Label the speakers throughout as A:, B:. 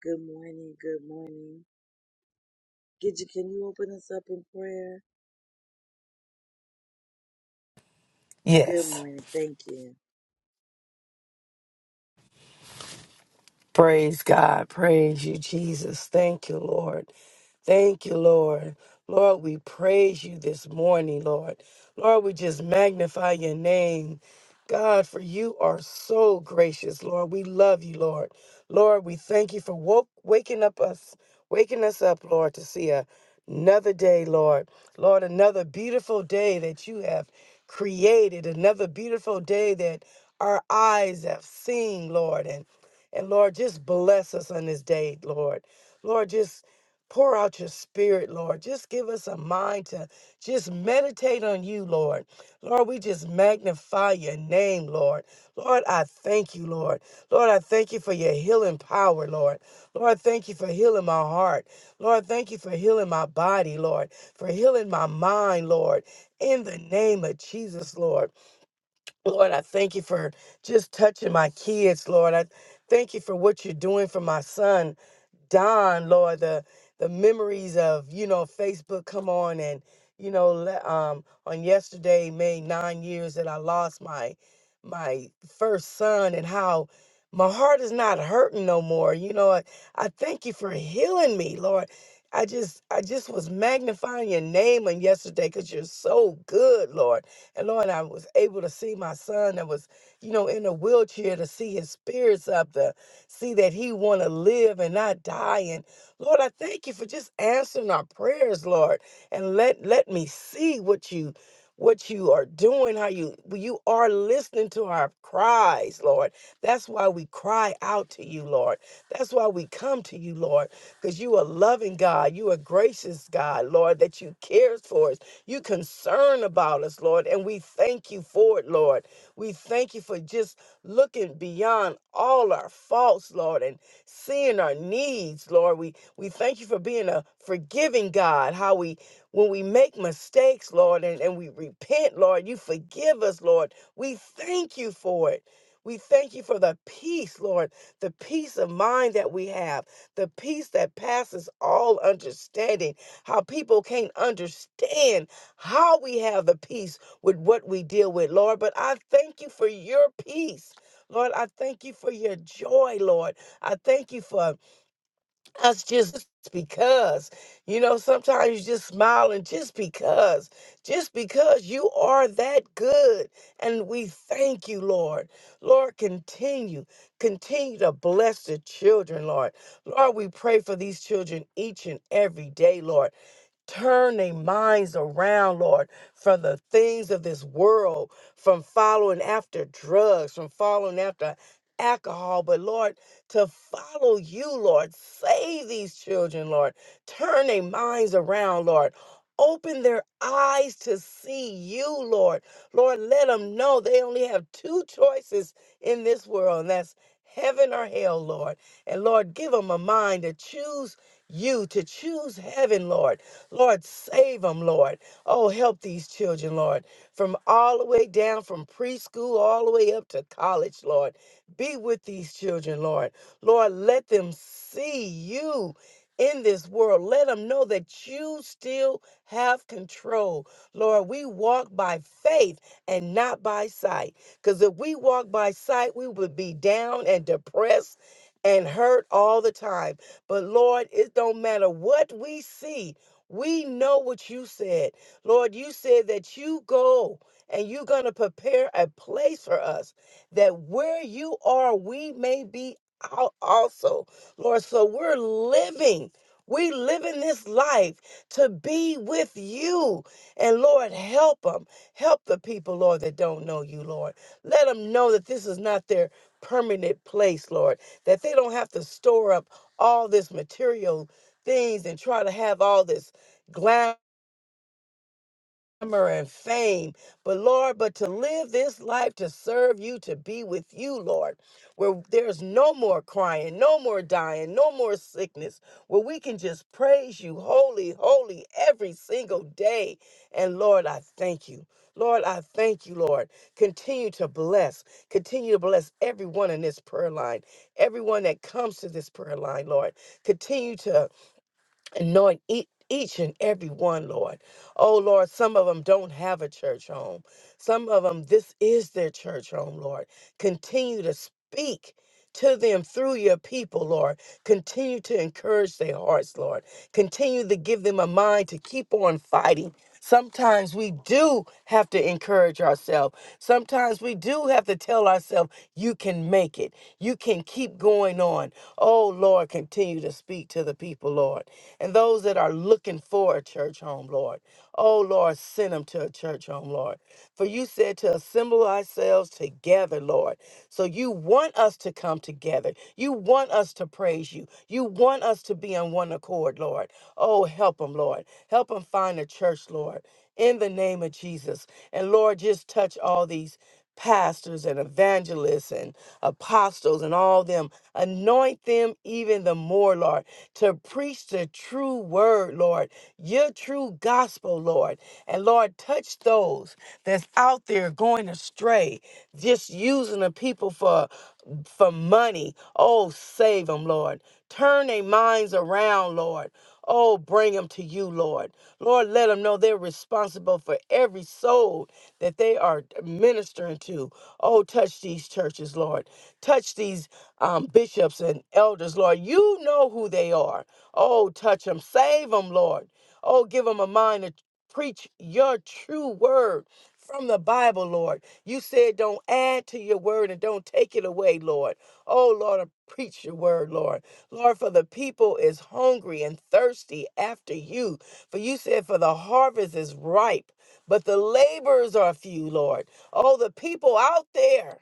A: Good morning. Good morning. Gidget, can you open us up in prayer? Good
B: Yes.
A: morning. Thank you.
B: Praise God. Praise you, Jesus. Thank you, Lord. Thank you, Lord. Lord, we praise you this morning, Lord. Lord, we just magnify your name. God, for you are so gracious, Lord. We love you, Lord. Lord, we thank you for woke, waking up us, waking us up, Lord, to see a- another day, Lord. Lord, another beautiful day that you have created, another beautiful day that our eyes have seen, Lord. And and Lord, just bless us on this day, Lord. Lord, just Pour out your spirit, Lord. Just give us a mind to just meditate on you, Lord. Lord, we just magnify your name, Lord. Lord, I thank you, Lord. Lord, I thank you for your healing power, Lord. Lord, thank you for healing my heart. Lord, thank you for healing my body, Lord, for healing my mind, Lord. In the name of Jesus, Lord. Lord, I thank you for just touching my kids, Lord. I thank you for what you're doing for my son. Don, Lord, the the memories of you know Facebook come on and you know le- um on yesterday made nine years that I lost my my first son and how my heart is not hurting no more. You know, I, I thank you for healing me, Lord. I just I just was magnifying your name on yesterday because you're so good, Lord. And Lord, I was able to see my son that was, you know, in a wheelchair to see his spirits up, see that he want to live and not die. And Lord, I thank you for just answering our prayers, Lord, and let let me see what you what you are doing, how you you are listening to our cries, Lord. That's why we cry out to you, Lord. That's why we come to you, Lord, because you are loving God, you are gracious God, Lord, that you cares for us, you concern about us, Lord, and we thank you for it, Lord. We thank you for just looking beyond all our faults, Lord, and seeing our needs, Lord. We we thank you for being a forgiving God. How we when we make mistakes, Lord, and, and we repent, Lord, you forgive us, Lord. We thank you for it. We thank you for the peace, Lord, the peace of mind that we have, the peace that passes all understanding. How people can't understand how we have the peace with what we deal with, Lord. But I thank you for your peace Lord, I thank you for your joy, Lord. I thank you for us just because. You know, sometimes you just smile and just because, just because you are that good. And we thank you, Lord. Lord, continue, continue to bless the children, Lord. Lord, we pray for these children each and every day, Lord. Turn their minds around, Lord, from the things of this world, from following after drugs, from following after alcohol, but Lord, to follow you, Lord. Save these children, Lord. Turn their minds around, Lord. Open their eyes to see you, Lord. Lord, let them know they only have two choices in this world, and that's heaven or hell, Lord. And Lord, give them a mind to choose you, to choose heaven, Lord Lord, save them, Lord. Oh, help these children, Lord, from all the way down from preschool all the way up to college, Lord. Be with these children, Lord. Lord, let them see you in this world. Let them know that you still have control. Lord, we walk by faith and not by sight. Because if we walk by sight, we would be down and depressed and hurt all the time. But Lord, it don't matter what we see. We know what you said. Lord, you said that you go and you're going to prepare a place for us that where you are, we may be al- also. Lord, so we're living. We living this life to be with you. And Lord, help them. Help the people, Lord, that don't know you, Lord. Let them know that this is not their permanent place, Lord, that they don't have to store up all this material things and try to have all this glamour and fame. But Lord, but to live this life to serve you, to be with you, Lord, where there's no more crying, no more dying, no more sickness, where we can just praise you holy, holy every single day. And Lord, I thank you. Lord, I thank you, Lord. Continue to bless. Continue to bless everyone in this prayer line, everyone that comes to this prayer line, Lord. Continue to anoint ea- each and every one, Lord. Oh, Lord, some of them don't have a church home. Some of them, this is their church home, Lord. Continue to speak. To them through your people, Lord. Continue to encourage their hearts, Lord. Continue to give them a mind to keep on fighting. Sometimes we do have to encourage ourselves. Sometimes we do have to tell ourselves, you can make it. You can keep going on. Oh, Lord, continue to speak to the people, Lord and those that are looking for a church home, Lord. Oh, Lord, send them to a church home, Lord. For you said to assemble ourselves together, Lord. So you want us to come together. You want us to praise you. You want us to be on one accord, Lord. Oh, help them, Lord. Help them find a church, Lord. In the name of Jesus. And Lord, just touch all these pastors and evangelists and apostles and all them. Anoint them even the more, Lord, to preach the true word, Lord, your true gospel, Lord. And Lord, touch those that's out there going astray, just using the people for for money. Oh, save them, Lord. Turn their minds around, Lord. Oh, bring them to you, Lord. Lord, let them know they're responsible for every soul that they are ministering to. Oh, touch these churches, Lord. Touch these um, bishops and elders, Lord. You know who they are. Oh, touch them. Save them, Lord. Oh, give them a mind to preach your true word from the Bible, Lord. You said don't add to your word and don't take it away, Lord. Oh, Lord, I preach your word, Lord. Lord, for the people is hungry and thirsty after you. For you said, for the harvest is ripe, but the laborers are few, Lord. Oh, the people out there.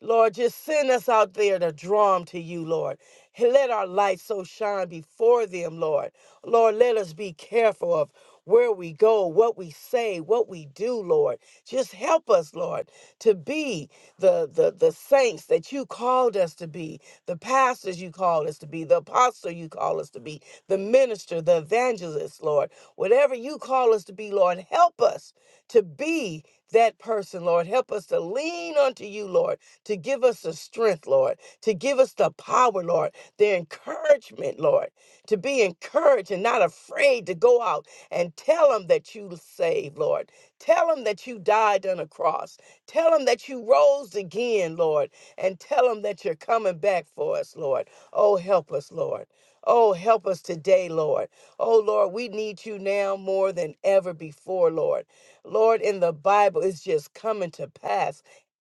B: Lord, just send us out there to draw them to you, Lord. And Let our light so shine before them, Lord. Lord, let us be careful of where we go, what we say, what we do, Lord. Just help us, Lord, to be the, the, the saints that you called us to be, the pastors you called us to be, the apostle you call us to be, the minister, the evangelist, Lord. Whatever you call us to be, Lord, help us to be that person, Lord. Help us to lean unto you, Lord to give us the strength, Lord, to give us the power, Lord, the encouragement, Lord, to be encouraged and not afraid to go out and tell them that you saved, Lord. Tell them that you died on a cross. Tell them that you rose again, Lord, and tell them that you're coming back for us, Lord. Oh, help us, Lord. Oh, help us today, Lord. Oh, Lord, we need you now more than ever before, Lord. Lord, in the Bible, it's just coming to pass.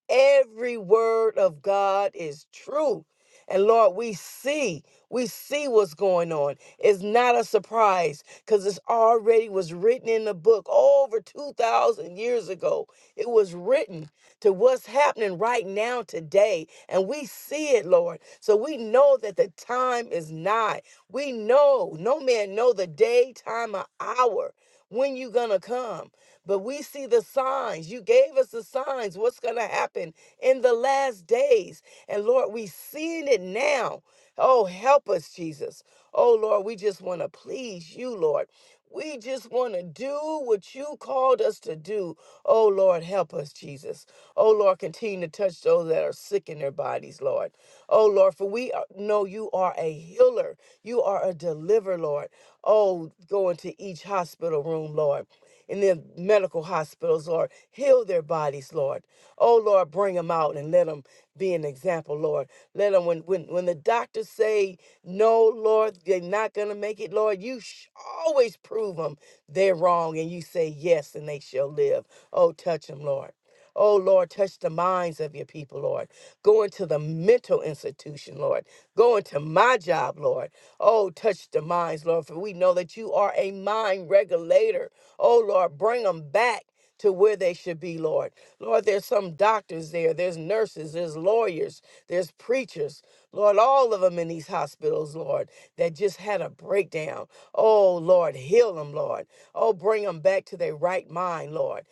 B: Every word of God is true. And Lord, we see, we see what's going on. It's not a surprise because it's already was written in the book over 2,000 years ago. It was written to what's happening right now today. And we see it, Lord. So we know that the time is nigh. We know, no man know the day, time, or hour when you gonna come. But we see the signs. You gave us the signs. What's going to happen in the last days? And Lord, we seeing it now. Oh, help us, Jesus. Oh, Lord, we just want to please you, Lord. We just want to do what you called us to do. Oh, Lord, help us, Jesus. Oh, Lord, continue to touch those that are sick in their bodies, Lord. Oh, Lord, for we are, know you are a healer. You are a deliverer, Lord. Oh, go into each hospital room, Lord. In the medical hospitals, Lord, heal their bodies, Lord. Oh, Lord, bring them out and let them be an example, Lord. Let them, when, when, when the doctors say, no, Lord, they're not going to make it, Lord, you sh- always prove them they're wrong and you say yes and they shall live. Oh, touch them, Lord. Oh, Lord, touch the minds of your people, Lord. Go into the mental institution, Lord. Go into my job, Lord. Oh, touch the minds, Lord, for we know that you are a mind regulator. Oh, Lord, bring them back to where they should be, Lord. Lord, there's some doctors there, there's nurses, there's lawyers, there's preachers, Lord, all of them in these hospitals, Lord, that just had a breakdown. Oh, Lord, heal them, Lord. Oh, bring them back to their right mind, Lord.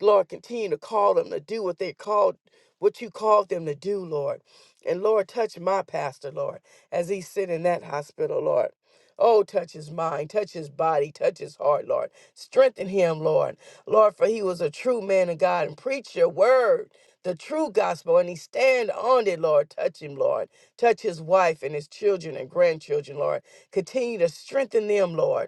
B: Lord, continue to call them to do what they called, what you called them to do, Lord. And Lord, touch my pastor, Lord, as he's sitting in that hospital, Lord. Oh, touch his mind, touch his body, touch his heart, Lord. Strengthen him, Lord. Lord, for he was a true man of God and preach your word, the true gospel, and he stand on it, Lord. Touch him, Lord. Touch his wife and his children and grandchildren, Lord. Continue to strengthen them, Lord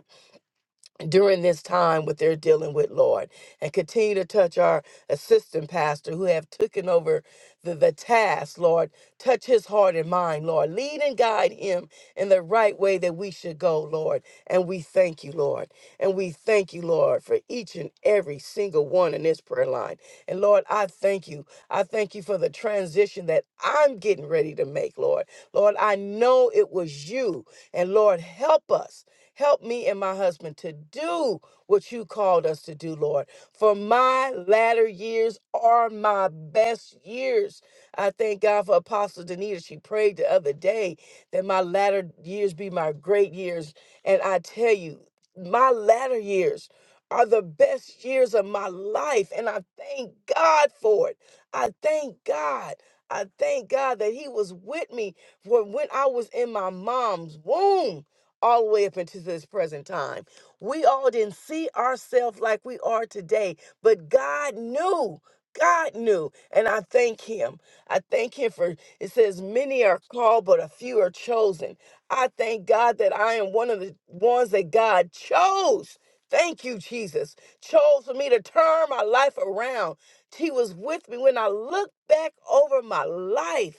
B: during this time what they're dealing with lord and continue to touch our assistant pastor who have taken over the, the task lord touch his heart and mind lord lead and guide him in the right way that we should go lord and we thank you lord and we thank you lord for each and every single one in this prayer line and lord i thank you i thank you for the transition that i'm getting ready to make lord lord i know it was you and lord help us Help me and my husband to do what you called us to do, Lord. For my latter years are my best years. I thank God for Apostle Danita. She prayed the other day that my latter years be my great years. And I tell you, my latter years are the best years of my life. And I thank God for it. I thank God. I thank God that He was with me for when I was in my mom's womb all the way up into this present time. We all didn't see ourselves like we are today, but God knew. God knew, and I thank Him. I thank Him for it says, Many are called, but a few are chosen. I thank God that I am one of the ones that God chose. Thank you, Jesus. Chose for me to turn my life around. He was with me when I look back over my life.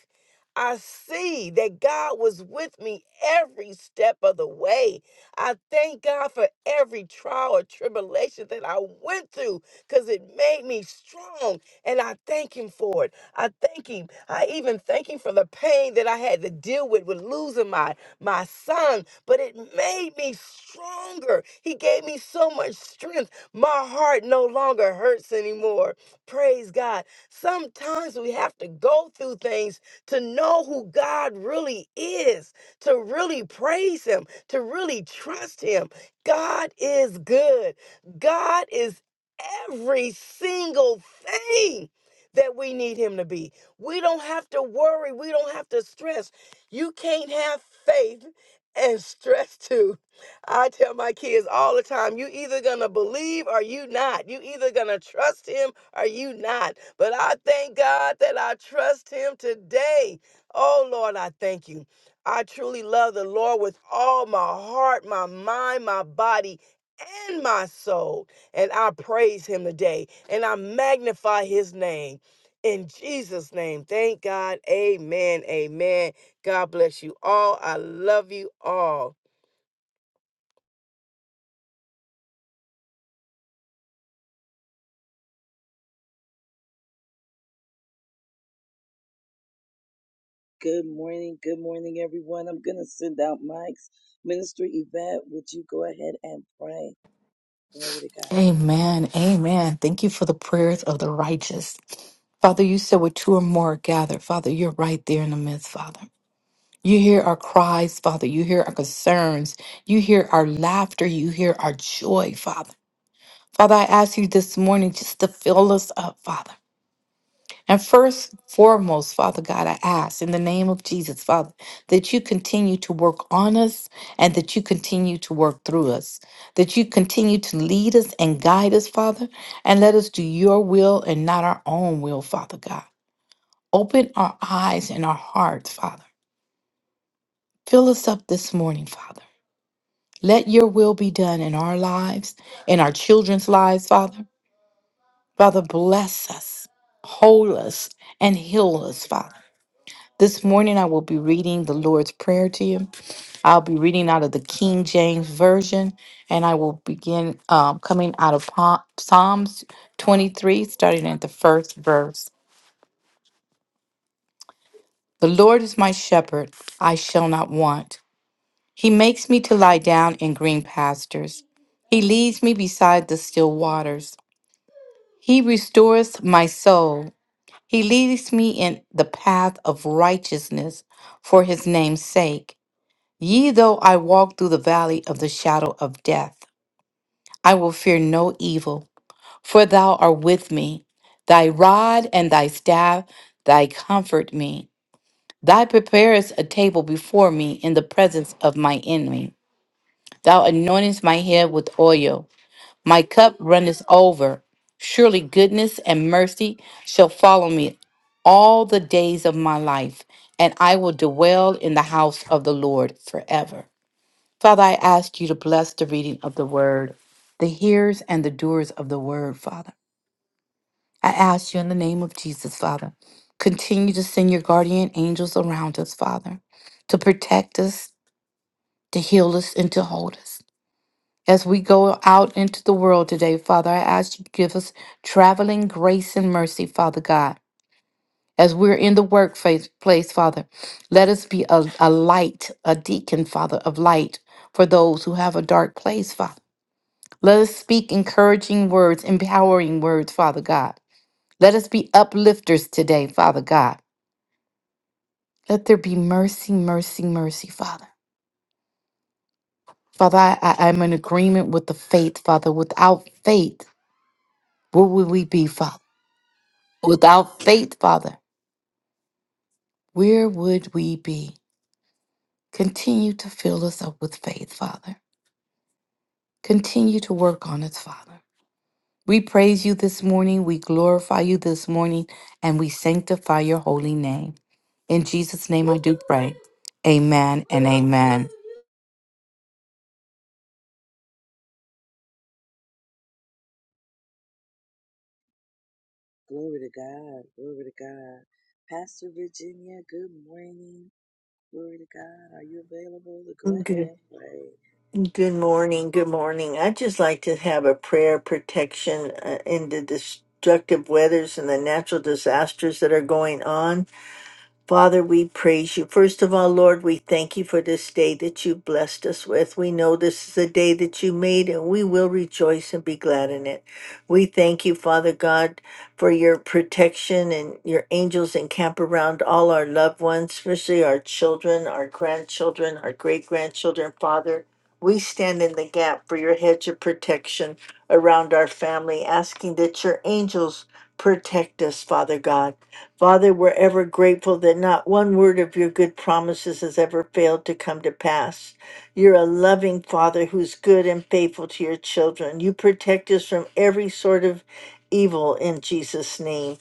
B: I see that God was with me every step of the way. I thank God for every trial or tribulation that I went through because it made me strong. And I thank Him for it. I thank Him. I even thank Him for the pain that I had to deal with with losing my, my son, but it made me stronger. He gave me so much strength. My heart no longer hurts anymore. Praise God. Sometimes we have to go through things to know who God really is, to really praise Him, to really trust Him. God is good. God is every single thing that we need Him to be. We don't have to worry. We don't have to stress. You can't have faith and stress too. I tell my kids all the time, you either gonna believe or you not. You either gonna trust him are you not? But I thank God that I trust Him today. Oh, Lord, I thank you. I truly love the Lord with all my heart, my mind, my body, and my soul. And I praise Him today and I magnify His name. In Jesus' name, thank God. Amen. Amen. God bless you all. I love you all.
A: Good morning. Good morning, everyone. I'm going to send out mics. Minister Yvette, would you go ahead and pray? Glory to God.
C: Amen. Amen. Thank you for the prayers of the righteous. Father, you said where two or more are gathered. Father, you're right there in the midst, Father. You hear our cries, Father. You hear our concerns. You hear our laughter. You hear our joy, Father. Father, I ask you this morning just to fill us up, Father. And first, and foremost, Father God, I ask in the name of Jesus, Father, that you continue to work on us and that you continue to work through us, that you continue to lead us and guide us, Father, and let us do your will and not our own will, Father God. Open our eyes and our hearts, Father. Fill us up this morning, Father. Let your will be done in our lives, in our children's lives, Father. Father, bless us, hold us, and heal us, Father. This morning, I will be reading the Lord's Prayer to you. I'll be reading out of the King James Version, and I will begin um, coming out of Pa- Psalms 23, starting at the first verse. The Lord is my shepherd, I shall not want. He makes me to lie down in green pastures, He leads me beside the still waters. He restores my soul. He leads me in the path of righteousness for His name's sake. Ye though I walk through the valley of the shadow of death, I will fear no evil, for thou art with me. Thy rod and thy staff, thy comfort me. Thou preparest a table before me in the presence of my enemy. Thou anointest my head with oil. My cup runneth over. Surely goodness and mercy shall follow me all the days of my life, and I will dwell in the house of the Lord forever. Father, I ask you to bless the reading of the word, the hearers and the doers of the word, Father. I ask you in the name of Jesus, Father, continue to send your guardian angels around us, Father, to protect us, to heal us, and to hold us. As we go out into the world today, Father, I ask you to give us traveling grace and mercy, Father God. As we're in the workplace, place, Father, let us be a, a light, a deacon, Father, of light for those who have a dark place, Father. Let us speak encouraging words, empowering words, Father God. Let us be uplifters today, Father God. Let there be mercy, mercy, mercy, Father. Father, I, I, am in agreement with the faith, Father. Without faith, where would we be, Father? Without faith, Father, where would we be? Continue to fill us up with faith, Father. Continue to work on us, Father. We praise you this morning. We glorify you this morning. And we sanctify your holy name. In Jesus' name I do pray. Amen and amen.
A: Glory to God. Glory to God. Pastor Virginia, good morning. Glory to God. Are you available to go ahead
D: Good,
A: and pray?
D: good
A: Yes.
D: morning. Good morning. I'd just like to have a prayer protection uh, in the destructive weathers and the natural disasters that are going on. Father, we praise you. First of all, Lord, we thank you for this day that you blessed us with. We know this is a day that you made, and we will rejoice and be glad in it. We thank you, Father God, for your protection and your angels encamp around all our loved ones, especially our children, our grandchildren, our great grandchildren. Father, we stand in the gap for your hedge of protection around our family, asking that your angels protect us, Father God. Father, we're ever grateful that not one word of your good promises has ever failed to come to pass. You're a loving Father who's good and faithful to your children. You protect us from every sort of evil in Jesus' name.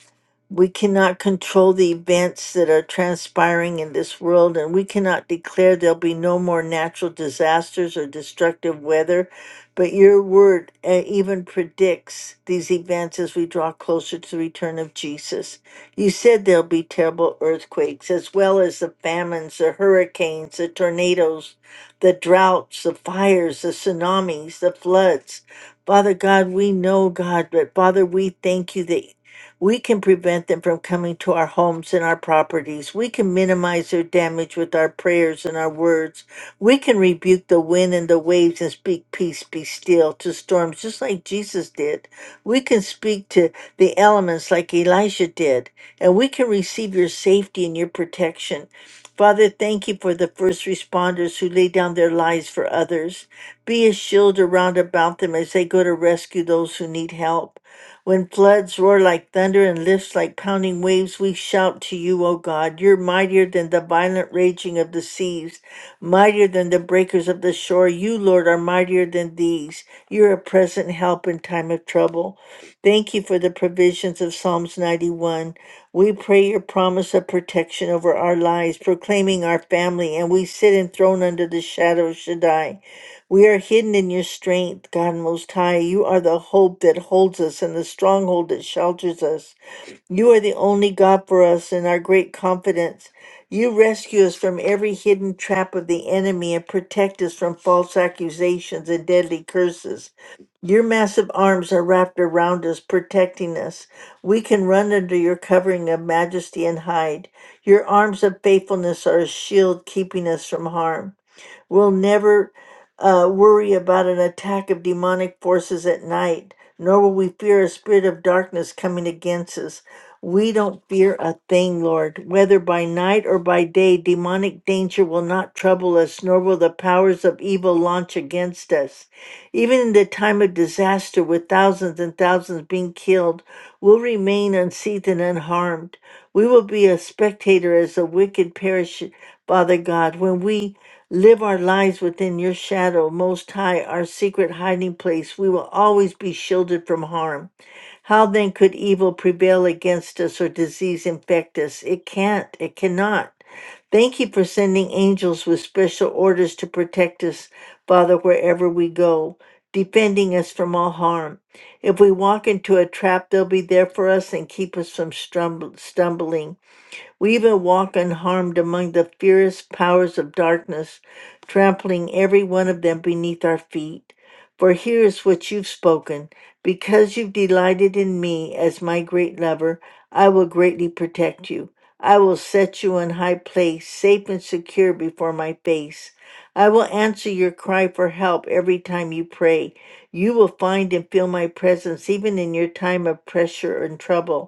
D: We cannot control the events that are transpiring in this world, and we cannot declare there'll be no more natural disasters or destructive weather. But your word uh, even predicts these events as we draw closer to the return of Jesus. You said there'll be terrible earthquakes, as well as the famines, the hurricanes, the tornadoes, the droughts, the fires, the tsunamis, the floods. Father God, we know, God, but Father, we thank you that. We can prevent them from coming to our homes and our properties. We can minimize their damage with our prayers and our words. We can rebuke the wind and the waves and speak peace, be still to storms, just like Jesus did. We can speak to the elements like Elijah did, and we can receive your safety and your protection. Father, thank you for the first responders who lay down their lives for others. Be a shield around about them as they go to rescue those who need help. When floods roar like thunder and lifts like pounding waves, we shout to you, O God. You're mightier than the violent raging of the seas, mightier than the breakers of the shore. You, Lord, are mightier than these. You're a present help in time of trouble. Thank you for the provisions of Psalms 91. We pray your promise of protection over our lives, proclaiming our family, and we sit enthroned under the shadow of Shaddai. We are hidden in your strength, God Most High. You are the hope that holds us and the stronghold that shelters us. You are the only God for us and our great confidence. You rescue us from every hidden trap of the enemy and protect us from false accusations and deadly curses. Your massive arms are wrapped around us, protecting us. We can run under your covering of majesty and hide. Your arms of faithfulness are a shield keeping us from harm. We'll never uh, worry about an attack of demonic forces at night, nor will we fear a spirit of darkness coming against us. We don't fear a thing, Lord. Whether by night or by day, demonic danger will not trouble us, nor will the powers of evil launch against us. Even in the time of disaster, with thousands and thousands being killed, we'll remain unseated and unharmed. We will be a spectator as the wicked perish, Father God, when we Live our lives within your shadow, Most High, our secret hiding place. We will always be shielded from harm. How then could evil prevail against us or disease infect us? It can't, it cannot. Thank you for sending angels with special orders to protect us, Father, wherever we go, defending us from all harm. If we walk into a trap, they'll be there for us and keep us from strum- stumbling. We even walk unharmed among the fierce powers of darkness, trampling every one of them beneath our feet. For here is what you've spoken. Because you've delighted in me as my great lover, I will greatly protect you. I will set you in high place, safe and secure before my face. I will answer your cry for help every time you pray. You will find and feel my presence even in your time of pressure and trouble.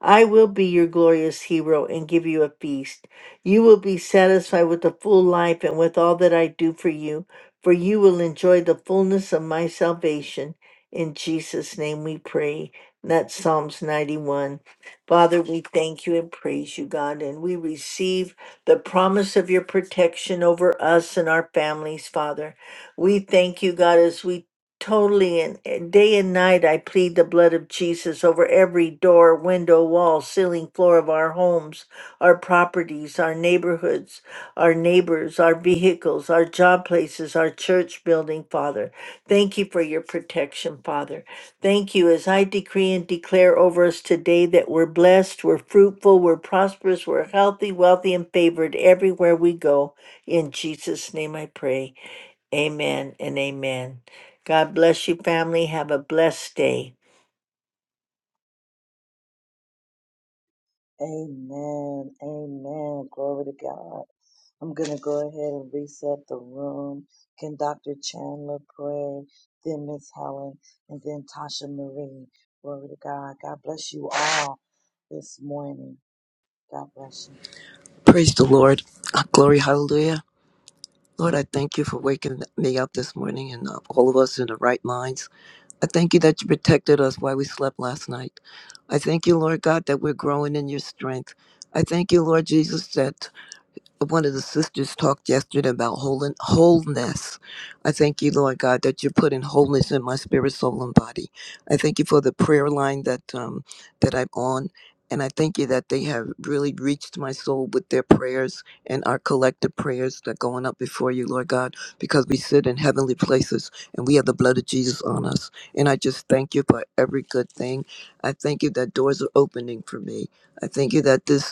D: I will be your glorious hero and give you a feast. You will be satisfied with a full life and with all that I do for you, for you will enjoy the fullness of my salvation. In Jesus' name we pray. And That's Psalms 91. Father, we thank you and praise you, God, and we receive the promise of your protection over us and our families, Father. We thank you, God, as we Totally and and day and night I plead the blood of Jesus over every door, window, wall, ceiling, floor of our homes, our properties, our neighborhoods, our neighbors, our vehicles, our job places, our church building, Father. Thank you for your protection, Father. Thank you as I decree and declare over us today that we're blessed, we're fruitful, we're prosperous, we're healthy, wealthy, and favored everywhere we go. In Jesus' name I pray. Amen and amen. God bless you, family. Have a blessed day.
A: Amen. Amen. Glory to God. I'm going to go ahead and reset the room. Can Dr. Chandler pray? Then Miss Helen, and then Tasha Marie. Glory to God. God bless you all this morning. God bless you.
E: Praise the Lord. Ah, Glory, hallelujah. Lord, I thank you for waking me up this morning and uh, all of us in the right minds. I thank you that you protected us while we slept last night. I thank you, Lord God, that we're growing in your strength. I thank you, Lord Jesus, that one of the sisters talked yesterday about wholen- wholeness. I thank you, Lord God, that you're putting wholeness in my spirit, soul, and body. I thank you for the prayer line that um, that I'm on, and I thank you that they have really reached my soul with their prayers and our collective prayers that are going up before you, Lord God, because we sit in heavenly places and we have the blood of Jesus on us. And I just thank you for every good thing. I thank you that doors are opening for me. I thank you that this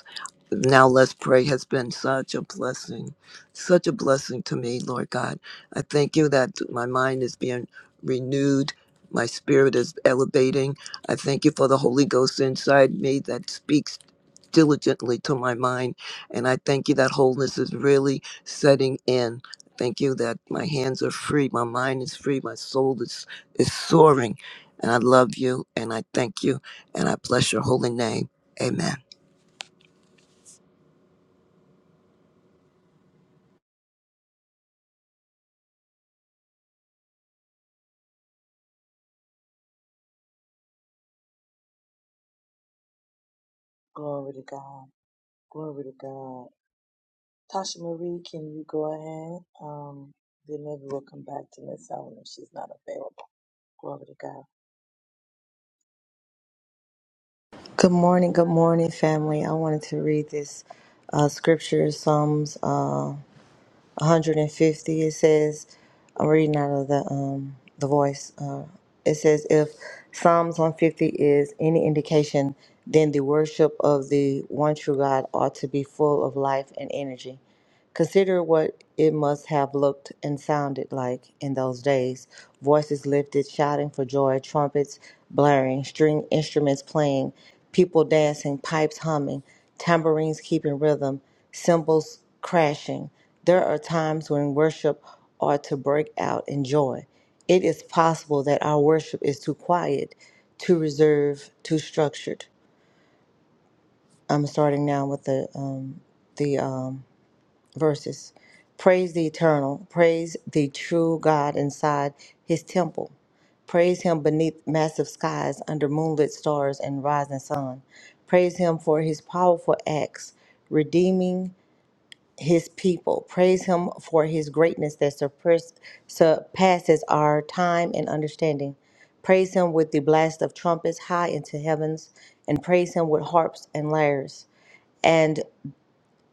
E: now Let's Pray has been such a blessing, such a blessing to me, Lord God. I thank you that my mind is being renewed, my spirit is elevating. I thank you for the Holy Ghost inside me that speaks diligently to my mind. And I thank you that wholeness is really setting in. Thank you that my hands are free, my mind is free, my soul is, is soaring. And I love you and I thank you and I bless your holy name. Amen.
A: Glory to God. Glory to God. Tasha Marie, can you go ahead? Um, then maybe we'll come back to Miss Helen if she's not available. Glory to God.
F: Good morning, good morning, family. I wanted to read this uh, scripture, Psalms. uh, 150 it says i'm reading out of the um the voice uh it says if psalms 150 is any indication then the worship of the one true god ought to be full of life and energy consider what it must have looked and sounded like in those days voices lifted shouting for joy trumpets blaring string instruments playing people dancing pipes humming tambourines keeping rhythm cymbals crashing. There are times when worship ought to break out in joy. It is possible that our worship is too quiet, too reserved, too structured. I'm starting now with the um, the um, verses. Praise the eternal. Praise the true God inside His temple. Praise Him beneath massive skies, under moonlit stars and rising sun. Praise Him for His powerful acts, redeeming his people. Praise him for his greatness that surpass- surpasses our time and understanding. Praise him with the blast of trumpets high into heavens, and praise him with harps and lyres, and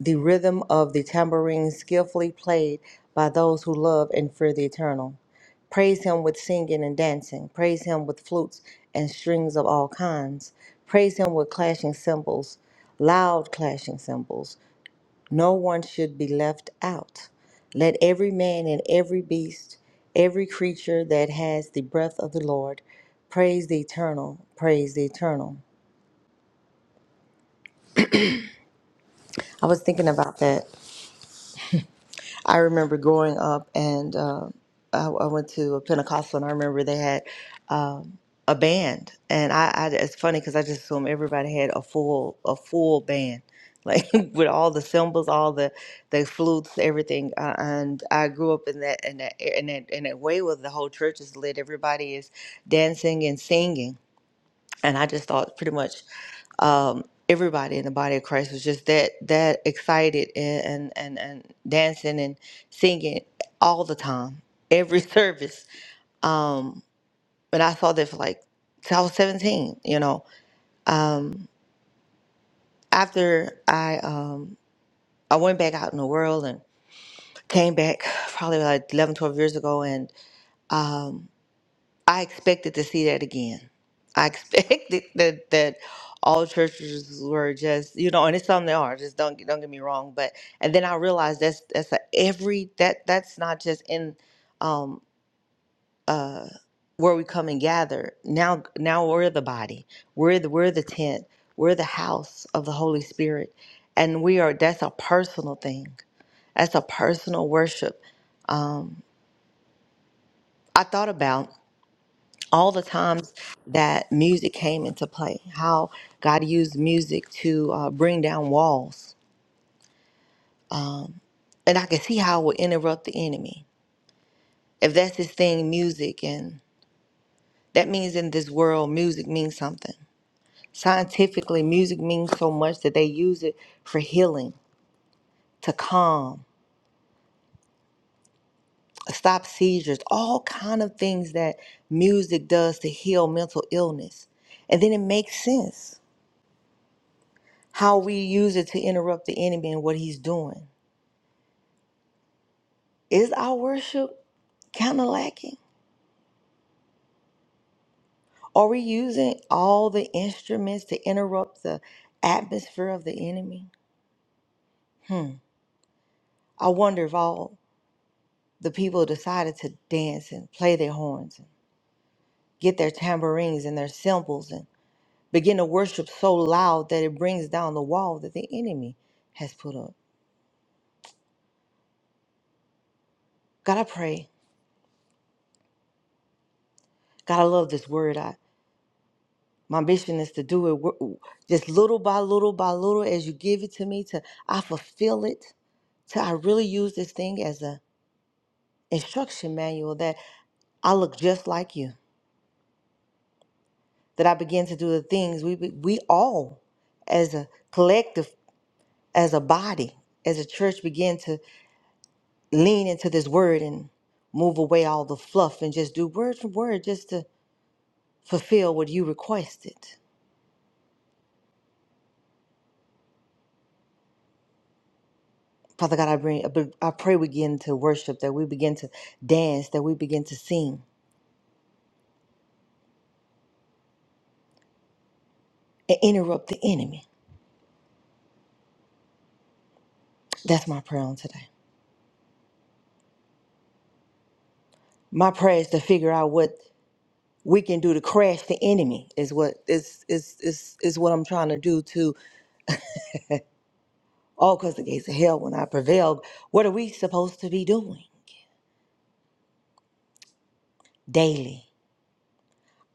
F: the rhythm of the tambourine skillfully played by those who love and fear the eternal. Praise him with singing and dancing. Praise him with flutes and strings of all kinds. Praise him with clashing cymbals, loud clashing cymbals. No one should be left out. Let every man and every beast, every creature that has the breath of the Lord, praise the eternal, praise the eternal. I was thinking about that I remember growing up, and uh, I, I went to a Pentecostal, and I remember they had um, a band, and I, I it's funny because I just assumed everybody had a full a full band, like with all the cymbals, all the the flutes, everything. Uh, and I grew up in that in that in that in that way where the whole church is lit, everybody is dancing and singing, and I just thought pretty much um, everybody in the body of Christ was just that that excited and and and dancing and singing all the time, every service. Um, and I saw that for like till I was seventeen. You know, um, after I um, I went back out in the world and came back probably like 11, 12 years ago, and um, I expected to see that again. I expected that that all churches were just you know, and it's some they are. Just don't don't get me wrong, but and then I realized that's that's a every that that's not just in um uh where we come and gather. Now now we're the body. We're the we're the tent. We're the house of the Holy Spirit, and we are. That's a personal thing. That's a personal worship. Um, I thought about. all the times that music came into play, how God used music to uh, bring down walls. And I can see how it would interrupt the enemy. If that's his thing, music, and that means in this world, music means something. Scientifically, music means so much that they use it for healing, to calm, stop seizures, all kind of things that music does to heal mental illness. And then it makes sense how we use it to interrupt the enemy and what he's doing Is our worship kind of lacking? Are we using all the instruments to interrupt the atmosphere of the enemy? Hmm. I wonder if all the people decided to dance and play their horns and get their tambourines and their cymbals and begin to worship so loud that it brings down the wall that the enemy has put up. God, I pray. God, I love this word. I my mission is to do it wo- just little by little by little as you give it to me to I fulfill it So I really use this thing as a instruction manual that I look just like you. That I begin to do the things we we all, as a collective, as a body, as a church, begin to lean into this word and move away all the fluff and just do word for word, just to fulfill what you requested. Father God, I bring, I pray we begin to worship, that we begin to dance, that we begin to sing and interrupt the enemy. That's my prayer on today. My prayer is to figure out what we can do to crash the enemy is what is is is is what I'm trying to do to all because the gates of hell when I prevail. What are we supposed to be doing daily,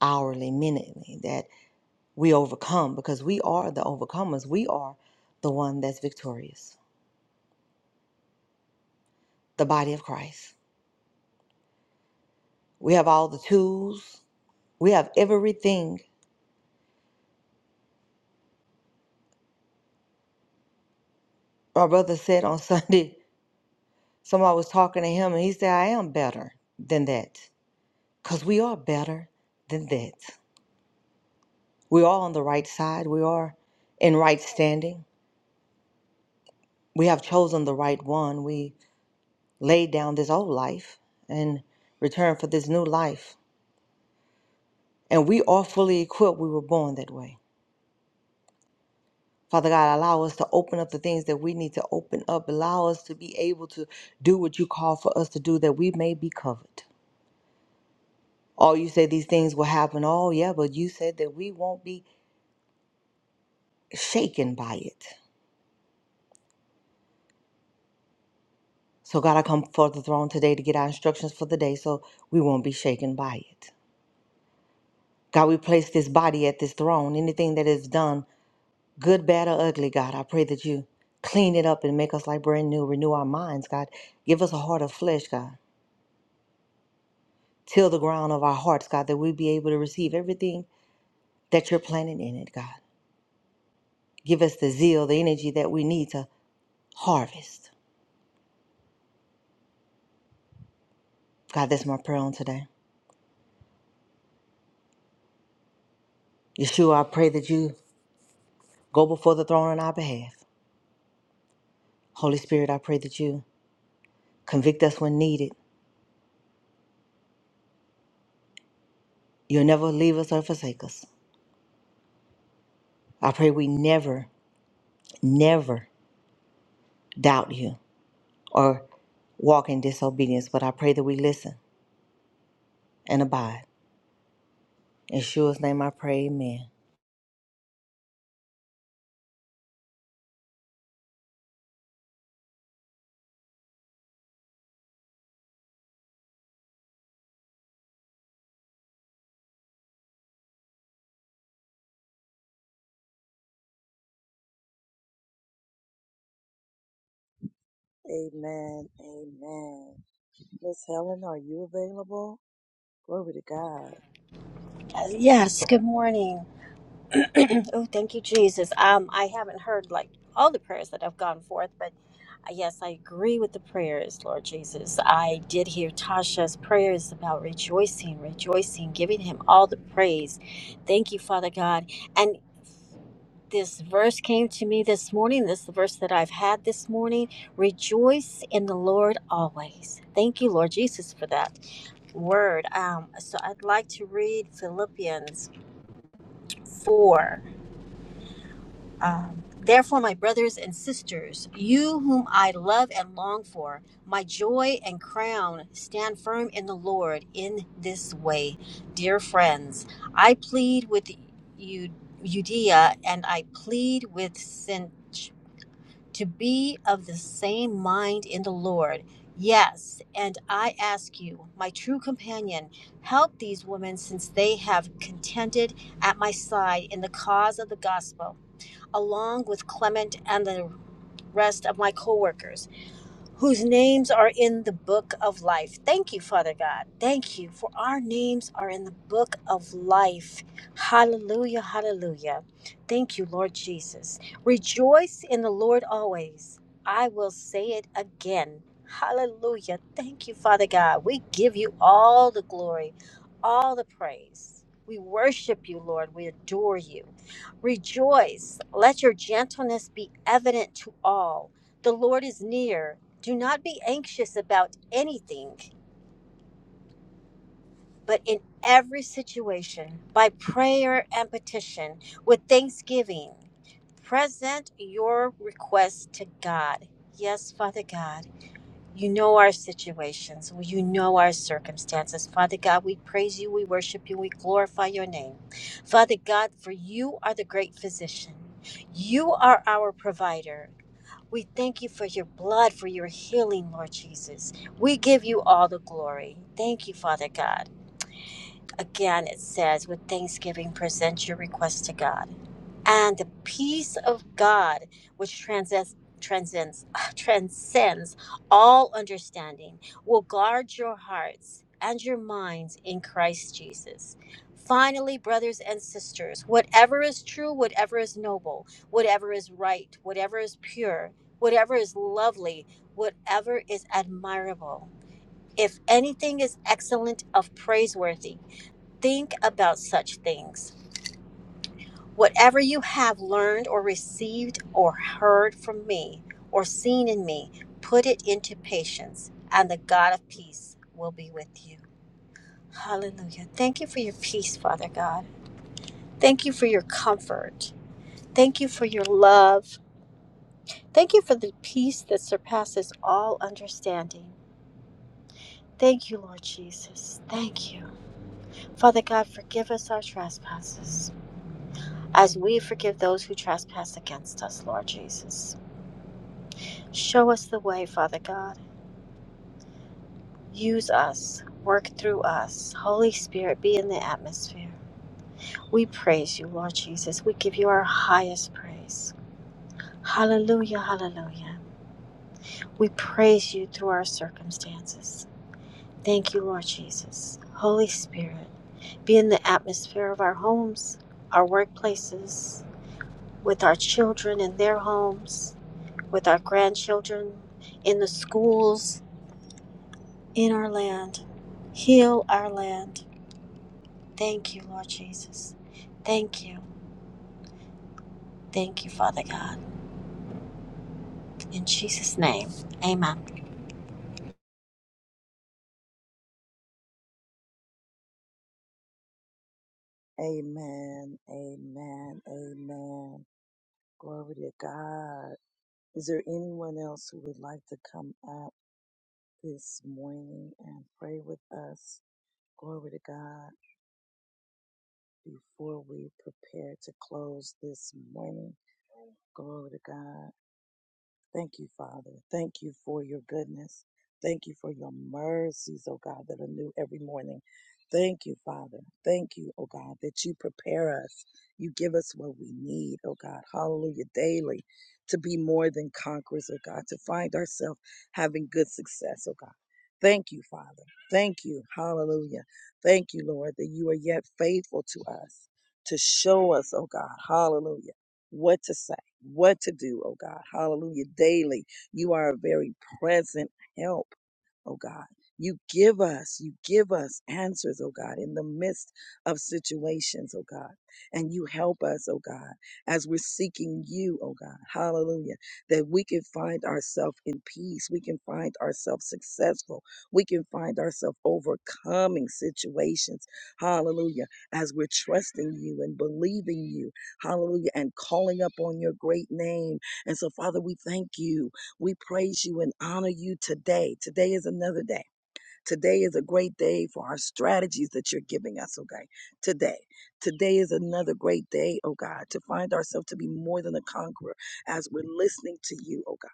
F: hourly, minutely that we overcome because we are the overcomers. We are the one that's victorious, the body of Christ. We have all the tools. We have everything. My brother said on Sunday, somebody was talking to him and he said, I am better than that. Because we are better than that. We're all on the right side. We are in right standing. We have chosen the right one. We laid down this old life and returned for this new life. And we are fully equipped. We were born that way. Father God, allow us to open up the things that we need to open up. Allow us to be able to do what you call for us to do that we may be covered. Oh, you say these things will happen. Oh, yeah, but you said that we won't be shaken by it. So, God, I come before the throne today to get our instructions for the day so we won't be shaken by it. God, we place this body at this throne. Anything that is done, good, bad, or ugly, God, I pray that you clean it up and make us like brand new. Renew our minds, God. Give us a heart of flesh, God. Till the ground of our hearts, God, that we be able to receive everything that you're planting in it, God. Give us the zeal, the energy that we need to harvest. God, that's my prayer on today. Yeshua, I pray that you go before the throne on our behalf. Holy Spirit, I pray that you convict us when needed. You'll never leave us or forsake us. I pray we never never doubt you or walk in disobedience, but I pray that we listen and abide. In Shua's name I pray, amen.
A: Amen. Amen. Miss Helen, are you available? Glory to God.
G: Uh, Yes, good morning. oh, thank you, Jesus. Um, I haven't heard like all the prayers that have gone forth, but uh, yes, I agree with the prayers, Lord Jesus. I did hear Tasha's prayers about rejoicing, rejoicing, giving him all the praise. Thank you, Father God. And this verse came to me this morning. This is the verse that I've had this morning. Rejoice in the Lord always. Thank you, Lord Jesus, for that word. Um, so I'd like to read Philippians 4. Um, Therefore, my brothers and sisters, you whom I love and long for, my joy and crown, stand firm in the Lord in this way. Dear friends, I plead with Eu- Eudia and I plead with Sinch to be of the same mind in the Lord. Yes, and I ask you, my true companion, help these women since they have contended at my side in the cause of the gospel along with Clement and the rest of my coworkers whose names are in the book of life. Thank you, Father God. Thank you for our names are in the book of life. Hallelujah, hallelujah. Thank you, Lord Jesus. Rejoice in the Lord always. I will say it again. Hallelujah. Thank you, Father God. We give you all the glory, all the praise. We worship you, Lord. We adore you. Rejoice. Let your gentleness be evident to all. The Lord is near. Do not be anxious about anything, but in every situation, by prayer and petition, with thanksgiving, present your request to God. Yes, Father God, you know our situations, Well, you know our circumstances. Father God, we praise you, we worship you, we glorify your name. Father God, for you are the great physician, you are our provider. We thank you for your blood, for your healing, Lord Jesus. We give you all the glory. Thank you, Father God. Again, it says, with thanksgiving, present your request to God and the peace of God, which transcends transcends transcends all understanding, will guard your hearts and your minds in Christ Jesus. Finally, brothers and sisters, whatever is true, whatever is noble, whatever is right, whatever is pure, whatever is lovely, whatever is admirable, if anything is excellent of praiseworthy, think about such things Whatever you have learned or received or heard from me or seen in me, put it into patience, and the God of peace will be with you. Hallelujah. Thank you for your peace, Father God. Thank you for your comfort. Thank you for your love. Thank you for the peace that surpasses all understanding. Thank you, Lord Jesus. Thank you. Father God, forgive us our trespasses as we forgive those who trespass against us, Lord Jesus. Show us the way, Father God. Use us. Work through us. Holy Spirit, be in the atmosphere. We praise you, Lord Jesus. We give you our highest praise. Hallelujah, hallelujah. We praise you through our circumstances. Thank you, Lord Jesus. Holy Spirit, be in the atmosphere of our homes, our workplaces, with our children in their homes, with our grandchildren, in the schools, in our land. Heal our land. Thank you, Lord Jesus. Thank you. Thank you, Father God. In Jesus' name, amen.
A: Amen. Amen. Amen. Glory to God. Is there anyone else who would like to come up this morning and pray with us? Glory to God. Before we prepare to close this morning, glory to God. Thank you, Father. Thank you for your goodness. Thank you for your mercies, oh God, that are new every morning. Thank you, Father. Thank you, oh God, that you prepare us. You give us what we need, oh God. Hallelujah. Daily to be more than conquerors, oh God, to find ourselves having good success, oh God. Thank you, Father. Thank you. Hallelujah. Thank you, Lord, that you are yet faithful to us to show us, oh God. Hallelujah. What to say what to do, oh God. Hallelujah. Daily, you are a very present help oh God. You give us, you give us answers, oh God, in the midst of situations, oh God. And you help us, oh God, as we're seeking you, oh God. Hallelujah. That we can find ourselves in peace. We can find ourselves successful. We can find ourselves overcoming situations. Hallelujah. As we're trusting you and believing you. Hallelujah. And calling up on your great name. And so, Father, we thank you. We praise you and honor you today. Today is another day. Today is a great day for our strategies that you're giving us, okay? Today. Today is another great day, oh God, to find ourselves to be more than a conqueror as we're listening to you, oh God,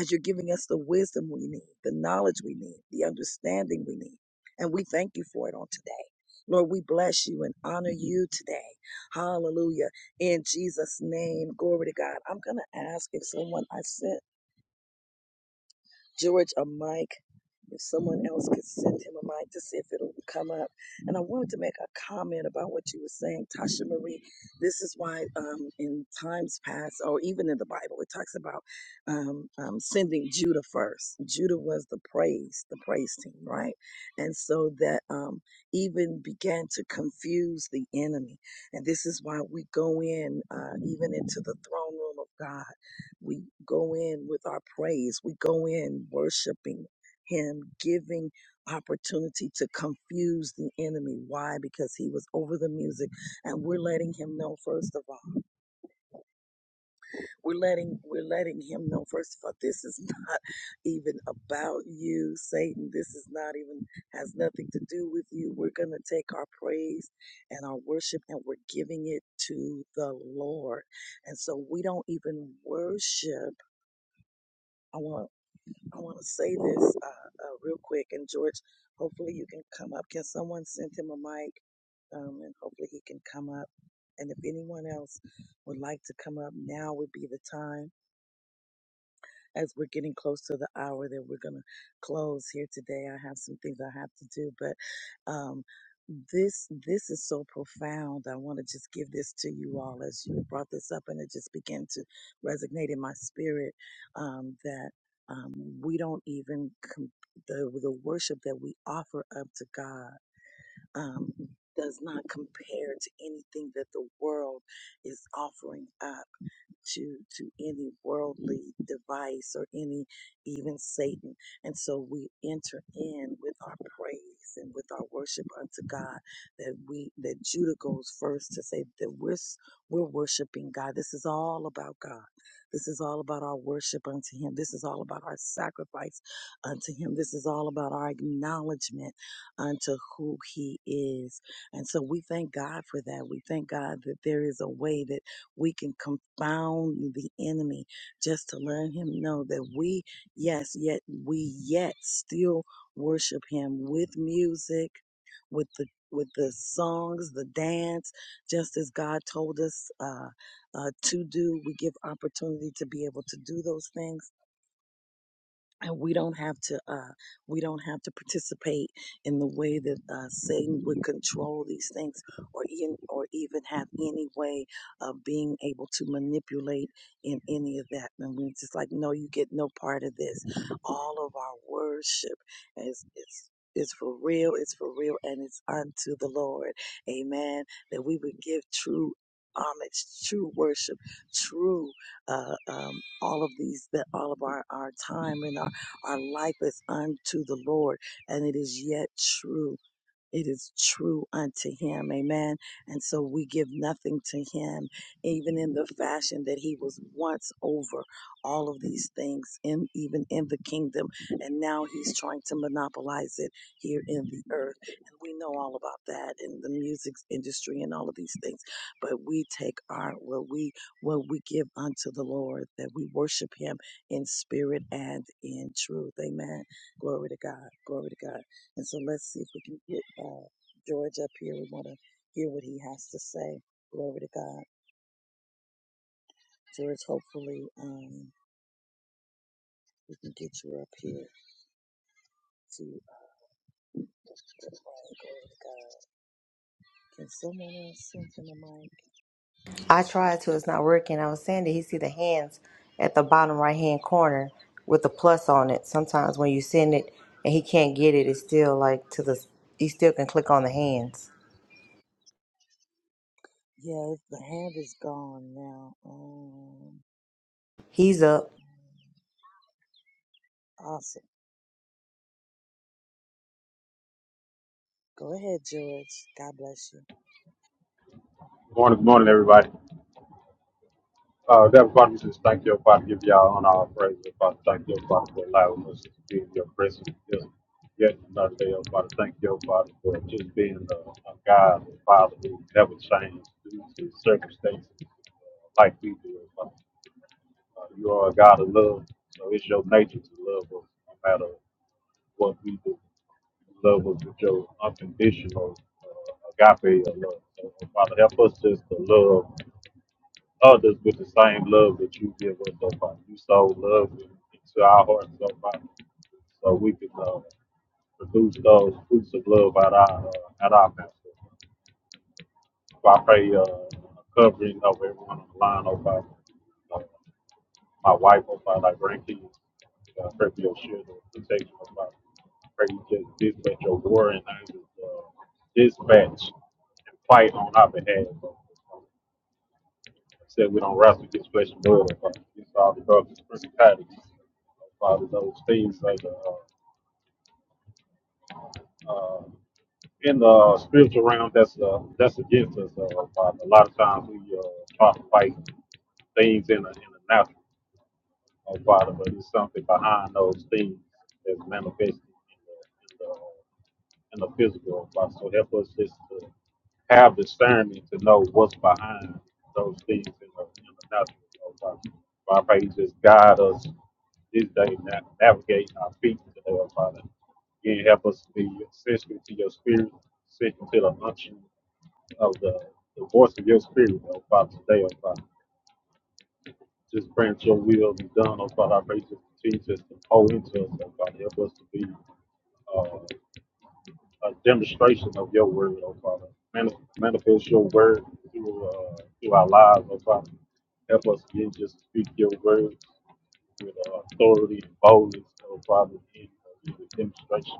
A: as you're giving us the wisdom we need, the knowledge we need, the understanding we need. And we thank you for it on today. Lord, we bless you and honor you today. Hallelujah. In Jesus' name, glory to God. I'm going to ask if someone I sent George a mic if someone else could send him a mic to see if it'll come up. And I wanted to make a comment about what you were saying, Tasha Marie. This is why, um, in times past, or even in the Bible, it talks about um, um, sending Judah first. Judah was the praise, the praise team, right? And so that um, even began to confuse the enemy. And this is why we go in, uh, even into the throne room of God. We go in with our praise. We go in worshiping him giving opportunity to confuse the enemy. Why? Because he was over the music and we're letting him know first of all. We're letting we're letting him know first of all this is not even about you, Satan. This is not even has nothing to do with you. We're going to take our praise and our worship and we're giving it to the Lord. And so we don't even worship. I want. I want to say this uh, uh, real quick, and George, hopefully you can come up. Can someone send him a mic, um, and hopefully he can come up. And if anyone else would like to come up, now would be the time as we're getting close to the hour that we're going to close here today. I have some things I have to do, but um, this this is so profound. I want to just give this to you all as you brought this up, and it just began to resonate in my spirit um, that um, we don't even com- the the worship that we offer up to God. Um, does not compare to anything that the world is offering up to to any worldly device or any even satan and so we enter in with our praise and with our worship unto god that we that judah goes first to say that we're s- we're worshiping god this is all about god this is all about our worship unto him this is all about our sacrifice unto him this is all about our acknowledgement unto who he is and so we thank god for that we thank god that there is a way that we can confound the enemy just to let him know that we, yes, yet we yet still worship him with music, with the with the songs, the dance, just as God told us uh, uh, to do. We give opportunity to be able to do those things and we don't have to uh, we don't have to participate in the way that uh, Satan would control these things, or even or even have any way of being able to manipulate in any of that. And we're just like, no, you get no part of this. All of our worship is is. is for real, it's for real, and it's unto the Lord. Amen. That we would give true homage, true worship, true uh, um, all of these that all of our, our time and our our life is unto the Lord, and it is yet true. It is true unto him. Amen. And so we give nothing to him, even in the fashion that he was once over all of these things in, even in the kingdom. And now he's trying to monopolize it here in the earth. And we know all about that in the music industry and all of these things. But we take our, what we, what we give unto the Lord, that we worship him in spirit and in truth. Amen. Glory to God. Glory to God. And so let's see if we can get uh, George up here. We want to hear what he has to say. Glory to God. George, hopefully um, we can get you up here to uh, pray. Glory to God. Can someone else send him a mic?
F: I tried to, it's not working. I was saying that he see the hands at the bottom right hand corner with the plus on it. Sometimes when you send it and he can't get it, it's still like to the, he still can click on the hands.
A: Yeah, the hand is gone now. Um,
F: He's up.
A: awesome. Go ahead, George. God bless you.
H: Morning, morning, everybody. Uh, Heavenly Father, we just thank you, Father, give y'all on our praise, oh, Father. Thank you, Father, for allowing us to be in your presence. Just yet another day, oh, Father. Thank you, Father, for just being a, a God, a Father, who never changes due to circumstances like we do, oh, Father. Uh, you are a God of love, so it's your nature to love us no matter what we do. You love us with your unconditional uh, agape of love. So, oh, Father, help us just to love Lord us with the same love that you give us, oh Father. You so love into our hearts, oh Father, so we can uh, produce those fruits of love at our uh, at our pastor. So I pray uh, covering of everyone on the line, oh Father. Uh, my wife, oh Father, our grandkids. Uh, pray for your shield of protection, oh Father. Pray you just dispatch your warring angels, uh, dispatch and fight on our behalf. said we don't wrestle against flesh and blood, but against all the drugs and principalities, all those things that uh, uh, in the spiritual realm that's uh, that's against us. Uh, Father. A lot of times we uh, try to fight things in the in the natural, uh, Father, but it's something behind those things that's manifested in the, in the and the physical apply. So help us just to have discernment to know what's behind those things in the, in the natural. So, Father, Father, I pray you just guide us this day, na- navigate our feet today, oh Father. Again, help us to be sensitive to your spirit, sensitive to the unction of the, the voice of your spirit, oh Father, today, oh Father. Just pray that your will be done, oh Father. I pray you just continue just to pour into us, oh Father. Help us to be. uh, a demonstration of your word, oh Father. Manif- Manifest your word through, uh, through our lives, oh Father. Help us again just to speak your word with uh, authority and boldness, oh Father, in uh, with demonstration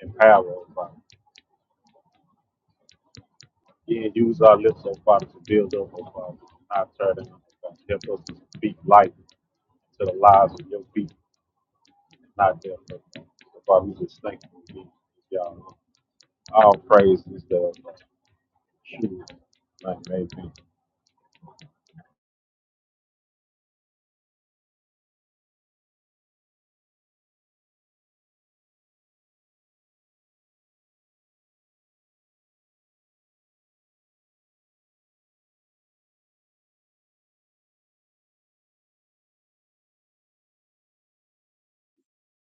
H: and power, oh Father. Again, use our lips, oh Father, to build up, oh Father, not tear down, oh Father. Help us to speak life to the lives of your people, not death, oh Father. Oh, Father, we just thank you, y'all all praise is the true, like, amen.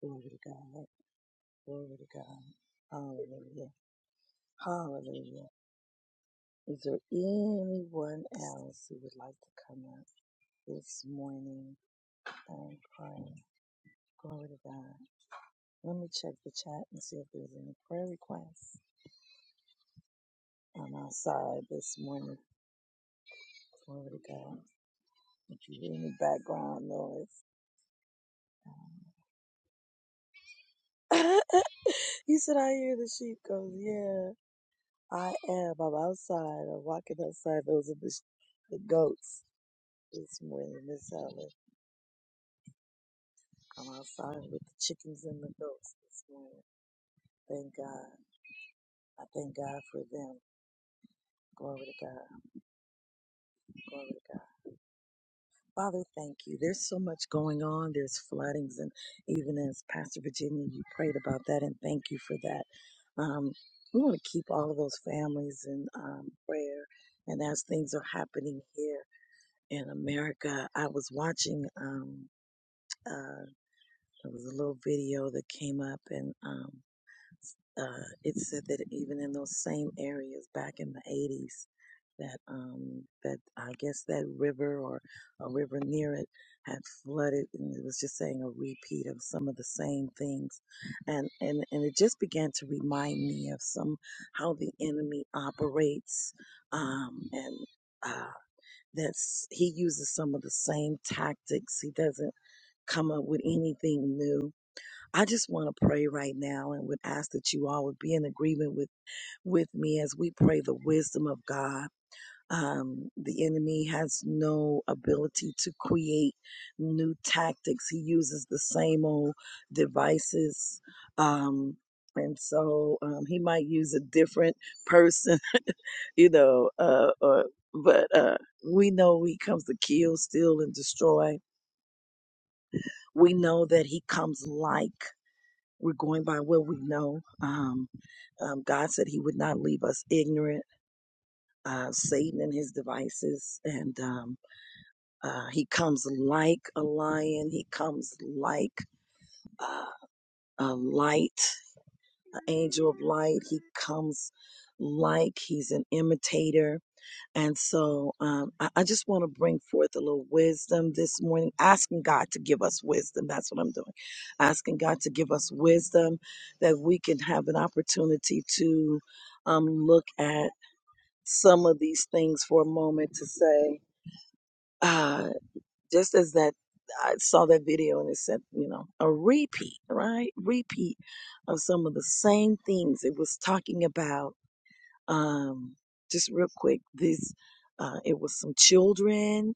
A: Glory to God. Glory to God. Hallelujah. Hallelujah. Is there anyone else who would like to come up this morning? and pray, Glory to God. Let me check the chat and see if there's any prayer requests I'm outside this morning. Glory to God. If you hear any background noise, um, he said, I hear the sheep goes, Yeah, I am. I'm outside. I'm walking outside. Those are the, sh- the goats this morning, Miss Helen. I'm outside with the chickens and the goats this morning. Thank God. I thank God for them. Glory to God. Glory to God. Father, thank you. There's so much going on. There's floodings, and even as Pastor Virginia, you prayed about that, and thank you for that. Um, we want to keep all of those families in um, prayer. And as things are happening here in America, I was watching. Um, uh, there was a little video that came up, and um, uh, it said that even in those same areas back in the 80s, that um, that I guess that river or a river near it had flooded, and it was just saying a repeat of some of the same things, and and and it just began to remind me of some how the enemy operates, um, and uh, that's he uses some of the same tactics. He doesn't come up with anything new I just want to pray right now and would ask that you all would be in agreement with, with me as we pray the wisdom of God. Um, the enemy has no ability to create new tactics. He uses the same old devices. Um, and so, um, he might use a different person, you know, uh, or, but, uh, we know he comes to kill, steal, and destroy. We know that he comes like We're going by what we know. Um, um, God said He would not leave us ignorant. Uh, Satan and his devices, and um, uh, he comes like a lion. He comes like uh, a light, an angel of light. He comes like he's an imitator. And so um, I, I just want to bring forth a little wisdom this morning, asking God to give us wisdom. That's what I'm doing. Asking God to give us wisdom that we can have an opportunity to um, look at some of these things for a moment to say, uh, just as that. I saw that video and it said, you know, a repeat, right? Repeat of some of the same things. It was talking about um, just real quick, this uh, it was some children,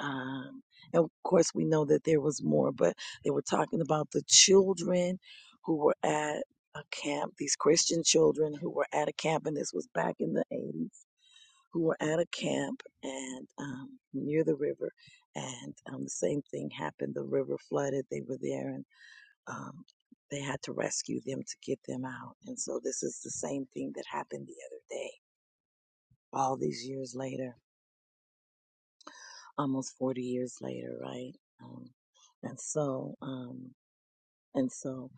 A: um, and of course we know that there was more, but they were talking about the children who were at a camp. These Christian children who were at a camp, and this was back in the eighties, who were at a camp and um, near the river, and um, the same thing happened. The river flooded. They were there, and um, they had to rescue them to get them out. And so this is the same thing that happened the other day all these years later, almost 40 years later, right? Um, and so, um, and so,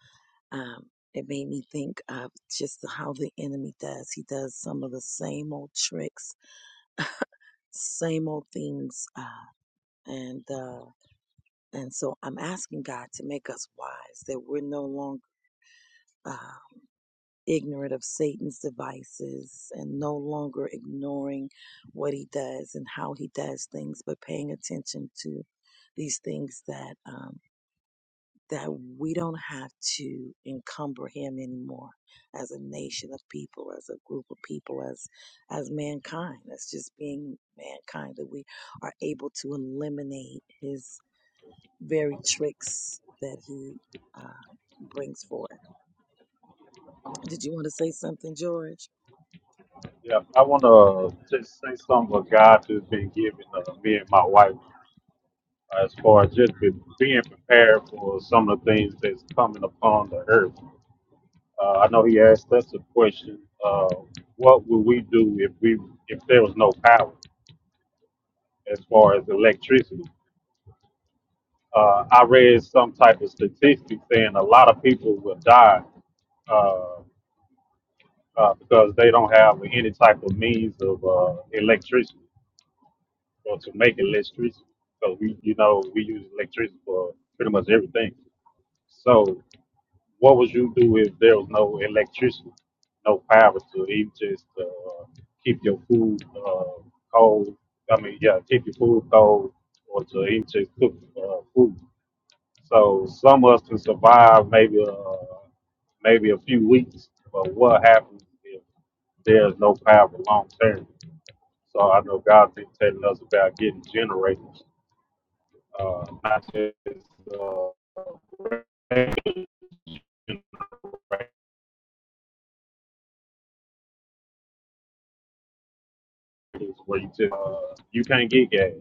A: um, it made me think of just how the enemy does. He does some of the same old tricks, same old things, uh, and uh, and so I'm asking God to make us wise that we're no longer. uh, ignorant of Satan's devices and no longer ignoring what he does and how he does things, but paying attention to these things that um, that we don't have to encumber him anymore as a nation of people, as a group of people, as as mankind, as just being mankind, that we are able to eliminate his very tricks that he uh, brings forth. Did you want to say something, George?
H: Yeah, I want to just say something what God has been giving uh, me and my wife as far as just be, being prepared for some of the things that's coming upon the earth. Uh, I know he asked us a question: uh, What would we do if we if there was no power as far as electricity? Uh, I read some type of statistic saying a lot of people will die uh, uh, because they don't have any type of means of uh, electricity. or to make electricity. So we, you know, we use electricity for pretty much everything. So what would you do if there was no electricity, no power to even just uh, keep your food uh, cold? I mean, yeah, keep your food cold or to even just cook uh, food. So some of us can survive maybe uh, maybe a few weeks, but what happens if there's no power long term? So I know God's been telling us about getting generators uh, not just uh, where you just, uh, you can't get gas.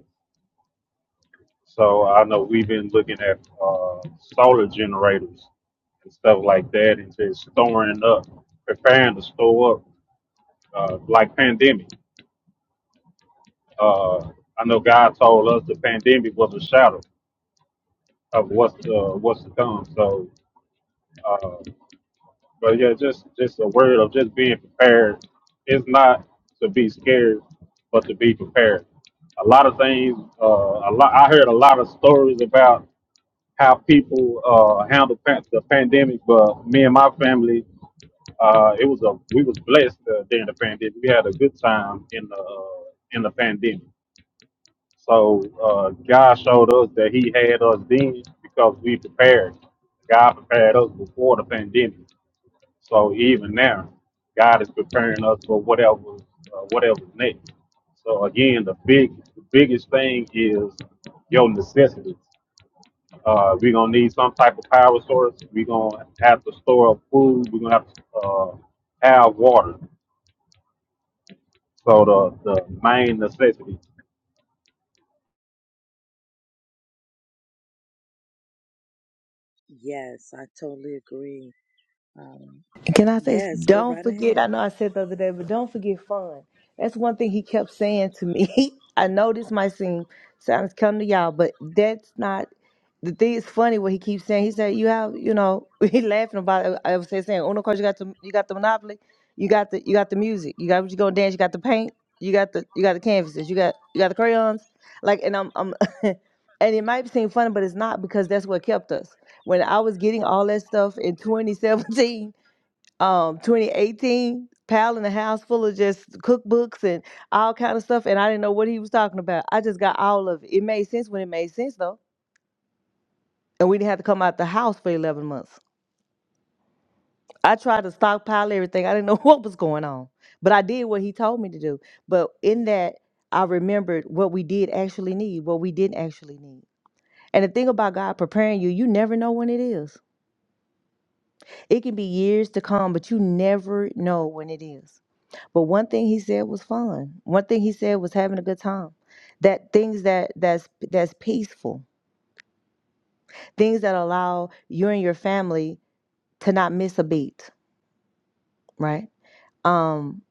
H: So I know we've been looking at uh, solar generators and stuff like that, and just storing up, preparing to store up, uh, like pandemic. Uh, I know God told us the pandemic was a shadow of what's uh, what's to come. So. uh, But yeah, just just a word of just being prepared. It's not to be scared, but to be prepared. A lot of things. Uh, a lot. I heard a lot of stories about how people uh, handle pan- the pandemic. But me and my family, uh, it was a we was blessed uh, during the pandemic. We had a good time in the uh, in the pandemic. So uh, God showed us that He had us then because we prepared. God prepared us before the pandemic. So even now, God is preparing us for whatever uh, whatever's next. So again, the big the biggest thing is your necessities. Uh, we're gonna need some type of power source. We're gonna have to store up food. We're gonna have to uh, have water. So the the main necessity.
A: Yes, I totally agree. Um,
F: Can I say,
A: yes, go
F: don't
A: right
F: forget?
A: ahead.
F: I know I said the other day, but don't forget fun. That's one thing he kept saying to me. I know this might seem sounds come to y'all, but that's not the thing. Is funny what he keeps saying. He said, "You have, you know," he laughing about. It. I was saying, "Saying, "Oh, no, course you got the you got the monopoly, you got the you got the music, you got what you gonna dance, you got the paint, you got the you got the canvases, you got you got the crayons." Like, and I'm I'm, and it might seem funny, but it's not because that's what kept us when I was getting all that stuff in 2017 um 2018 pal in a house full of just cookbooks and all kind of stuff and i didn't know what he was talking about i just got all of it it made sense when it made sense though and we didn't have to come out the house for 11 months i tried to stockpile everything i didn't know what was going on but i did what he told me to do but in that i remembered what we did actually need what we didn't actually need and the thing about god preparing you you never know when it is it can be years to come but you never know when it is But one thing he said was fun. One thing he said was having a good time. That things that that's that's peaceful. Things that allow you and your family to not miss a beat, right? Um,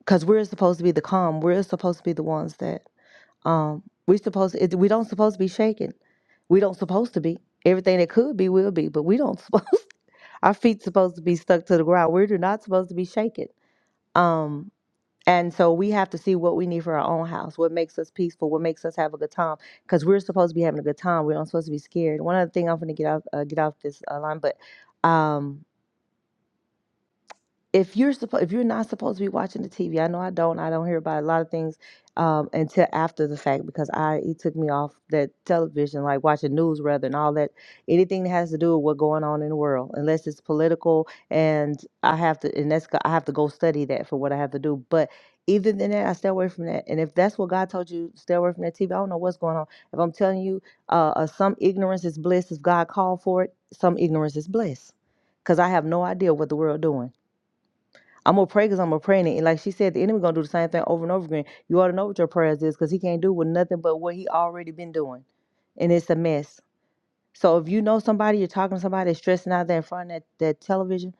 F: because we're supposed to be the calm. We're supposed to be the ones that um we supposed it, we don't supposed to be shaken. We don't supposed to be. Everything that could be will be, but we don't supposed our feet supposed to be stuck to the ground. We're not supposed to be shaken. Um, And so we have to see what we need for our own house, what makes us peaceful, what makes us have a good time, because we're supposed to be having a good time. We're not supposed to be scared. One other thing I'm going to get off uh, get off this uh, line, but um, if you're supposed if you're not supposed to be watching the TV, I know I don't. I don't hear about a lot of things um, until after the fact because I it took me off that television, like watching news rather and all that. Anything that has to do with what's going on in the world, unless it's political, and I have to and that's go- I have to go study that for what I have to do. But even than that, I stay away from that. And if that's what God told you, stay away from that TV. I don't know what's going on. If I'm telling you, uh, uh, some ignorance is bliss. If God called for it, some ignorance is bliss, because I have no idea what the world doing. I'm gonna pray because I'm gonna pray in it. And like she said, the enemy gonna do the same thing over and over again. You ought to know what your prayers is because he can't do with nothing but what he already been doing. And it's a mess. So if you know somebody, you're talking to somebody that's stressing out there in front of that, that television,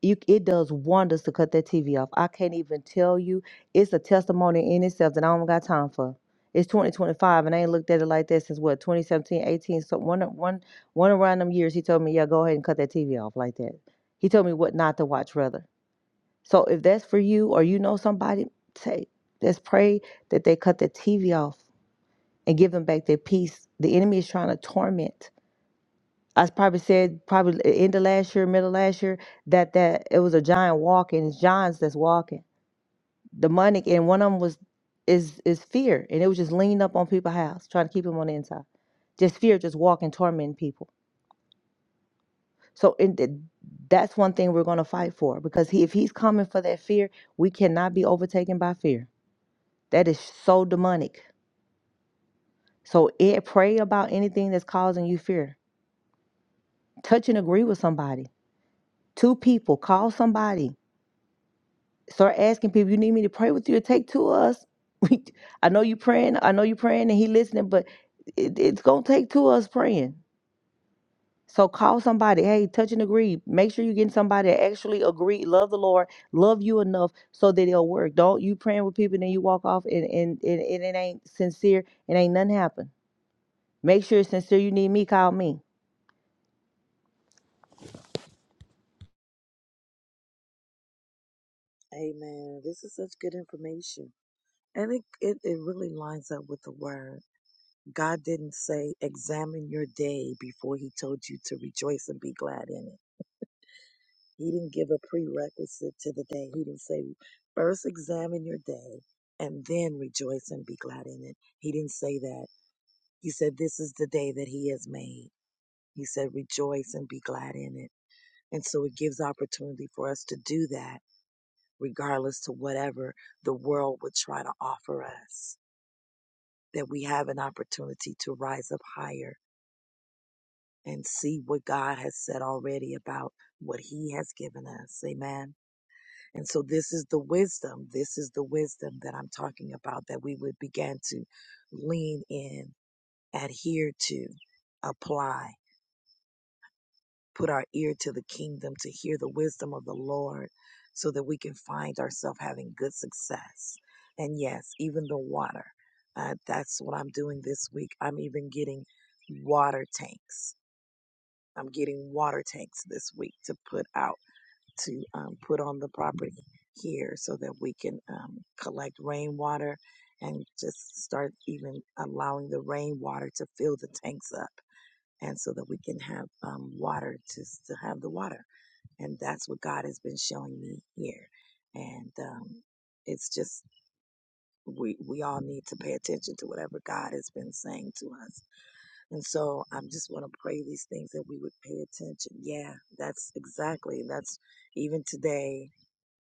F: you it does wonders to cut that TV off. I can't even tell you. It's a testimony in itself that I don't got time for. It's 2025 and I ain't looked at it like that since what 2017, 18. So one one one around them years he told me, Yeah, go ahead and cut that TV off like that. He told me what not to watch rather. So if that's for you or you know somebody, say, let's pray that they cut the TV off and give them back their peace. The enemy is trying to torment. I probably said probably end of last year, middle of last year, that that it was a giant walking. It's giants that's walking. Demonic and one of them was is is fear. And it was just leaning up on people's house, trying to keep them on the inside. Just fear, just walking, tormenting people. So in the, that's one thing we're gonna fight for because he, if he's coming for that fear, we cannot be overtaken by fear. That is so demonic. So it pray about anything that's causing you fear. Touch and agree with somebody. Two people, call somebody. Start asking people, you need me to pray with you or take two of us. I know you praying, I know you praying and he listening, but it, it's gonna take two of us praying. So call somebody, hey, touch and agree. Make sure you're getting somebody that actually agree, love the Lord, love you enough so that it'll work. Don't you praying with people and then you walk off and, and, and, and it ain't sincere, it ain't nothing happen. Make sure it's sincere. You need me, call me.
A: Amen. This is such good information. And it, it, it really lines up with the word. God didn't say, examine your day before he told you to rejoice and be glad in it. He didn't give a prerequisite to the day. He didn't say, first examine your day and then rejoice and be glad in it. He didn't say that. He said, this is the day that he has made. He said, rejoice and be glad in it. And so it gives opportunity for us to do that, regardless to whatever the world would try to offer us, that we have an opportunity to rise up higher and see what God has said already about what he has given us. Amen. And so this is the wisdom. This is the wisdom that I'm talking about that we would begin to lean in, adhere to, apply. put our ear to the kingdom to hear the wisdom of the Lord so that we can find ourselves having good success. And yes, even the water. Uh, that's what I'm doing this week. I'm even getting water tanks. I'm getting water tanks this week to put out, to um, put on the property here so that we can um, collect rainwater and just start even allowing the rainwater to fill the tanks up and so that we can have um, water to, to have the water and that's what God has been showing me here. And um, it's just we we all need to pay attention to whatever God has been saying to us. And so I just want to pray these things that we would pay attention. Yeah, that's exactly. That's even today.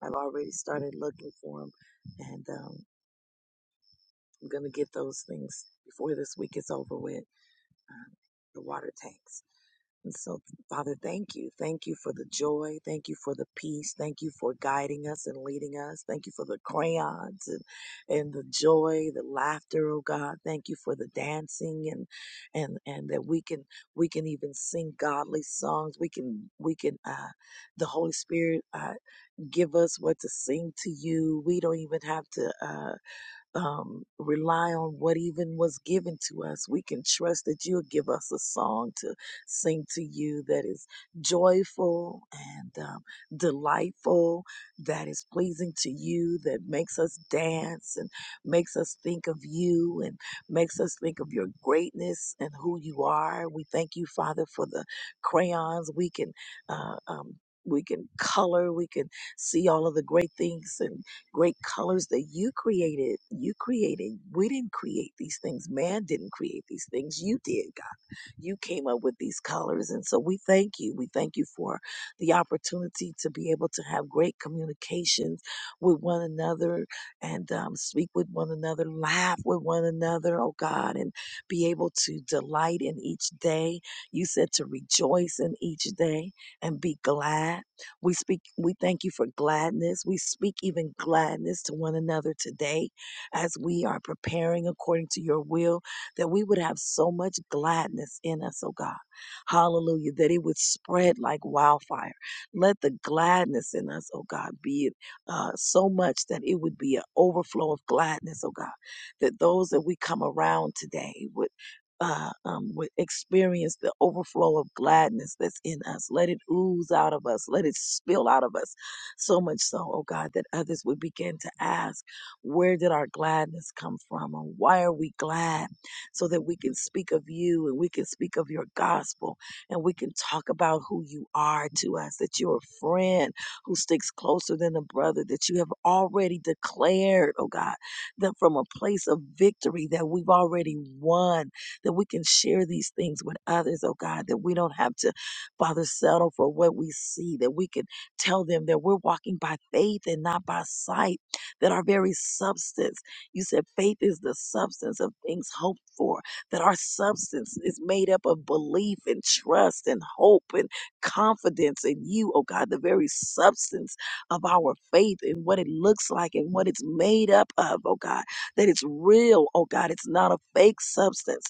A: I've already started looking for them, and um, I'm gonna get those things before this week is over with. Um, the water tanks. And so, Father, thank you. Thank you for the joy. Thank you for the peace. Thank you for guiding us and leading us. Thank you for the crayons and, and the joy, the laughter, oh God. Thank you for the dancing and and and that we can we can even sing godly songs. We can we can uh the Holy Spirit uh give us what to sing to you. We don't even have to uh um, rely on what even was given to us. We can trust that you'll give us a song to sing to you that is joyful and um, delightful, that is pleasing to you, that makes us dance and makes us think of you and makes us think of your greatness and who you are. We thank you, Father, for the crayons we can. Uh, um, we can color, we can see all of the great things and great colors that you created. You created. We didn't create these things. Man didn't create these things. You did, God. You came up with these colors. And so we thank you. We thank you for the opportunity to be able to have great communications with one another and um, speak with one another, laugh with one another, oh God, and be able to delight in each day. You said to rejoice in each day and be glad. We speak, we thank you for gladness. We speak even gladness to one another today as we are preparing according to your will, that we would have so much gladness in us, oh God. Hallelujah. That it would spread like wildfire. Let the gladness in us, oh God, be uh, so much that it would be an overflow of gladness, oh God. That those that we come around today, would uh, um, with experience the overflow of gladness that's in us. Let it ooze out of us. Let it spill out of us. So much so, oh God, that others would begin to ask, where did our gladness come from? And why are we glad? So that we can speak of you and we can speak of your gospel and we can talk about who you are to us, that you're a friend who sticks closer than a brother, that you have already declared, oh God, that from a place of victory that we've already won that we can share these things with others, oh God, that we don't have to, Father, settle for what we see, that we can tell them that we're walking by faith and not by sight, that our very substance, you said faith is the substance of things hoped for, that our substance is made up of belief and trust and hope and confidence in you, oh God, the very substance of our faith and what it looks like and what it's made up of, oh God, that it's real, oh God, it's not a fake substance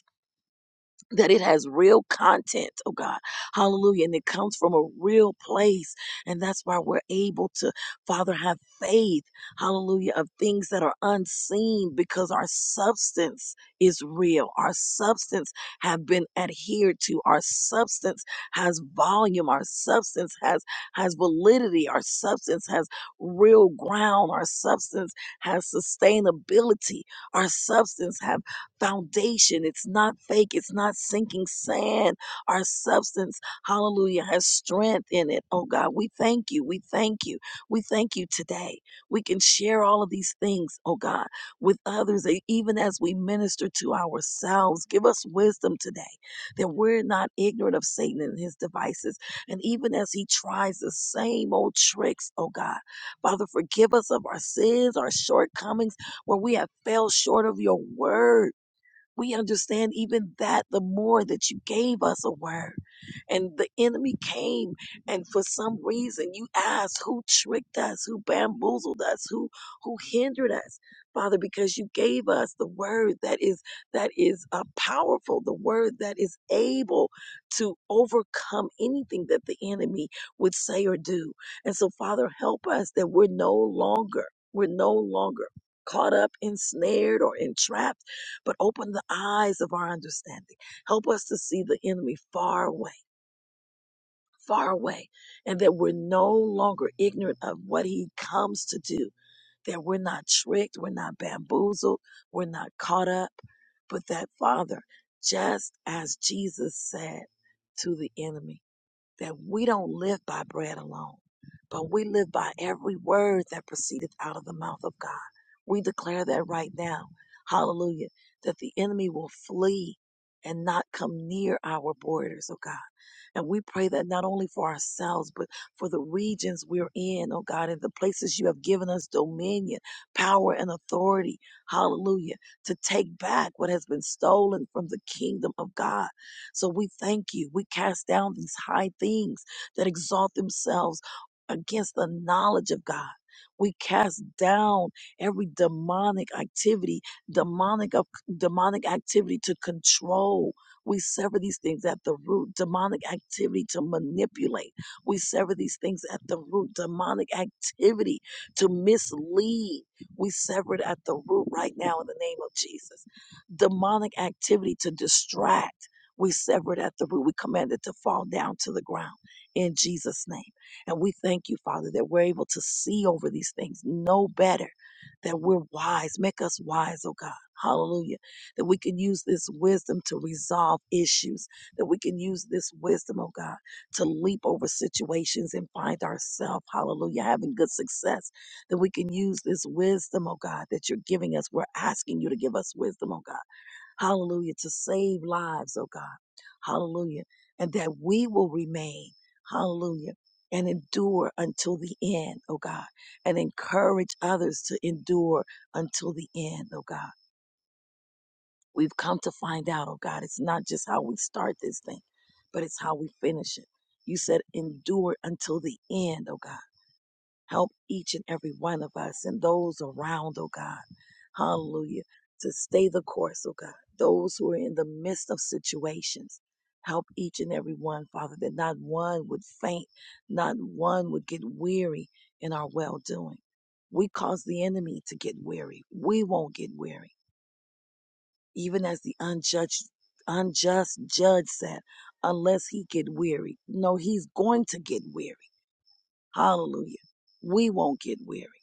A: that it has real content, oh God. Hallelujah. And it comes from a real place. And that's why we're able to, Father, have faith, hallelujah, of things that are unseen because our substance is real. Our substance have been adhered to. Our substance has volume. Our substance has, has validity. Our substance has real ground. Our substance has sustainability. Our substance has foundation. It's not fake, it's not sinking sand. Our substance, hallelujah, has strength in it. Oh God, we thank you. We thank you. We thank you today. We can share all of these things, oh God, with others, e- even as we minister to ourselves. Give us wisdom today that we're not ignorant of Satan and his devices. And even as he tries the same old tricks, oh God, Father, forgive us of our sins, our shortcomings, where we have fell short of your word. We understand even that the more that you gave us a word and the enemy came and for some reason you asked who tricked us, who bamboozled us, who who hindered us, Father, because you gave us the word that is that is uh, powerful, the word that is able to overcome anything that the enemy would say or do. And so, Father, help us that we're no longer, we're no longer caught up, ensnared, or entrapped but open the eyes of our understanding. Help us to see the enemy far away, far away, and that we're no longer ignorant of what he comes to do, that we're not tricked, we're not bamboozled, we're not caught up, but that, Father, just as Jesus said to the enemy, that we don't live by bread alone, but we live by every word that proceedeth out of the mouth of God. We declare that right now. Hallelujah. That the enemy will flee and not come near our borders, oh God and we pray that not only for ourselves, but for the regions we're in, oh God, and the places you have given us dominion, power, and authority. Hallelujah. To take back what has been stolen from the kingdom of God. So we thank you. We cast down these high things that exalt themselves against the knowledge of God. We cast down every demonic activity, demonic of demonic activity to control. We sever these things at the root. Demonic activity to manipulate. We sever these things at the root. Demonic activity to mislead. We sever it at the root right now in the name of Jesus. Demonic activity to distract. We sever it at the root. We command it to fall down to the ground in Jesus' name. And we thank you, Father, that we're able to see over these things, know better, that we're wise. Make us wise, oh God. Hallelujah that we can use this wisdom to resolve issues, that we can use this wisdom, oh God, to leap over situations and find ourselves, hallelujah, having good success, that we can use this wisdom, oh God, that you're giving us. We're asking you to give us wisdom, oh God, hallelujah, to save lives, oh God, hallelujah, and that we will remain, hallelujah. And endure until the end, oh God, and encourage others to endure until the end, oh God. We've come to find out, oh God, it's not just how we start this thing, but it's how we finish it. You said, endure until the end, oh God. Help each and every one of us and those around, oh God. Hallelujah. To stay the course, oh God. Those who are in the midst of situations, help each and every one, Father, that not one would faint, not one would get weary in our well doing. We cause the enemy to get weary. We won't get weary even as the unjudged, unjust judge said, unless he get weary. No, he's going to get weary. Hallelujah. We won't get weary,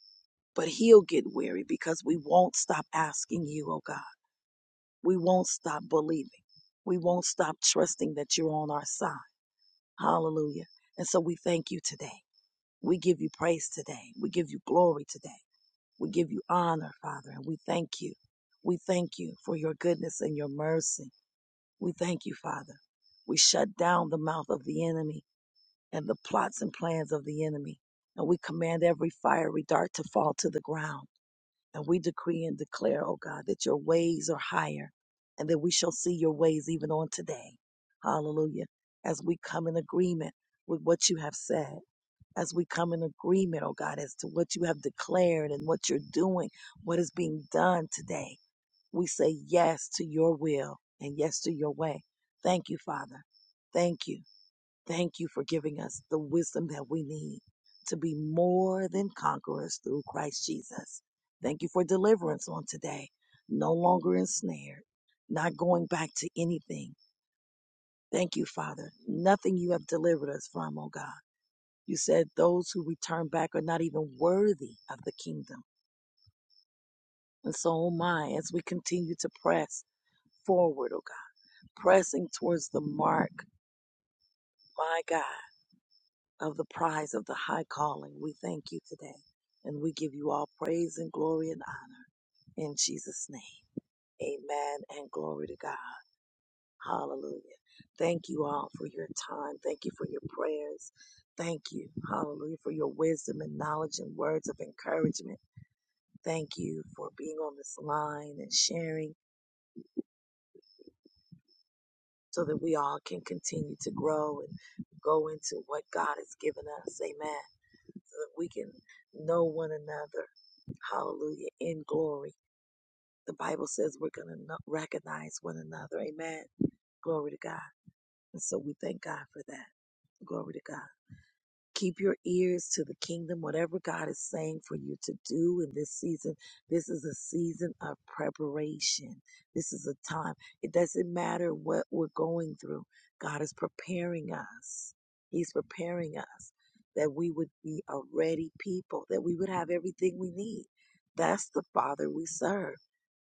A: but he'll get weary because we won't stop asking you, oh God. We won't stop believing. We won't stop trusting that you're on our side. Hallelujah. And so we thank you today. We give you praise today. We give you glory today. We give you honor, Father, and we thank you. We thank you for your goodness and your mercy. We thank you, Father. We shut down the mouth of the enemy and the plots and plans of the enemy. And we command every fiery dart to fall to the ground. And we decree and declare, oh God, that your ways are higher and that we shall see your ways even on today. Hallelujah. As we come in agreement with what you have said, as we come in agreement, oh God, as to what you have declared and what you're doing, what is being done today. We say yes to your will and yes to your way. Thank you, Father. Thank you. Thank you for giving us the wisdom that we need to be more than conquerors through Christ Jesus. Thank you for deliverance on today. No longer ensnared, not going back to anything. Thank you, Father. Nothing you have delivered us from, oh God. You said those who return back are not even worthy of the kingdom. And so, oh my, as we continue to press forward, oh pressing towards the mark, my God, of the prize of the high calling. We thank you today and we give you all praise and glory and honor in Jesus' name. Amen and glory to God. Hallelujah. Thank you all for your time. Thank you for your prayers. Thank you, hallelujah, for your wisdom and knowledge and words of encouragement. Thank you for being on this line and sharing so that we all can continue to grow and go into what God has given us. Amen. so that we can know one another. Hallelujah. In glory. The Bible says we're going to recognize one another. Amen. Glory to God. And so we thank God for that. Glory to God. Keep your ears to the kingdom, whatever God is saying for you to do in this season. This is a season of preparation. This is a time. It doesn't matter what we're going through, God is preparing us. He's preparing us that we would be a ready people, that we would have everything we need. That's the Father we serve.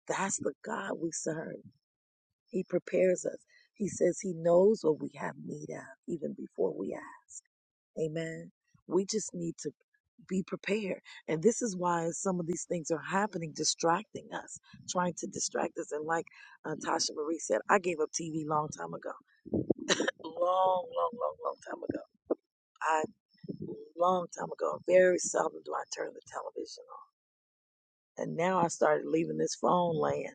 A: That's the God we serve. He prepares us. He says He knows what we have need of even before we ask. Amen. We just need to be prepared. And this is why some of these things are happening, distracting us, trying to distract us. And like uh, Tasha Marie said, I gave up TV long time ago. Long, long, long, long time ago. I, long time ago, very seldom do I turn the television on. And now I started leaving this phone laying.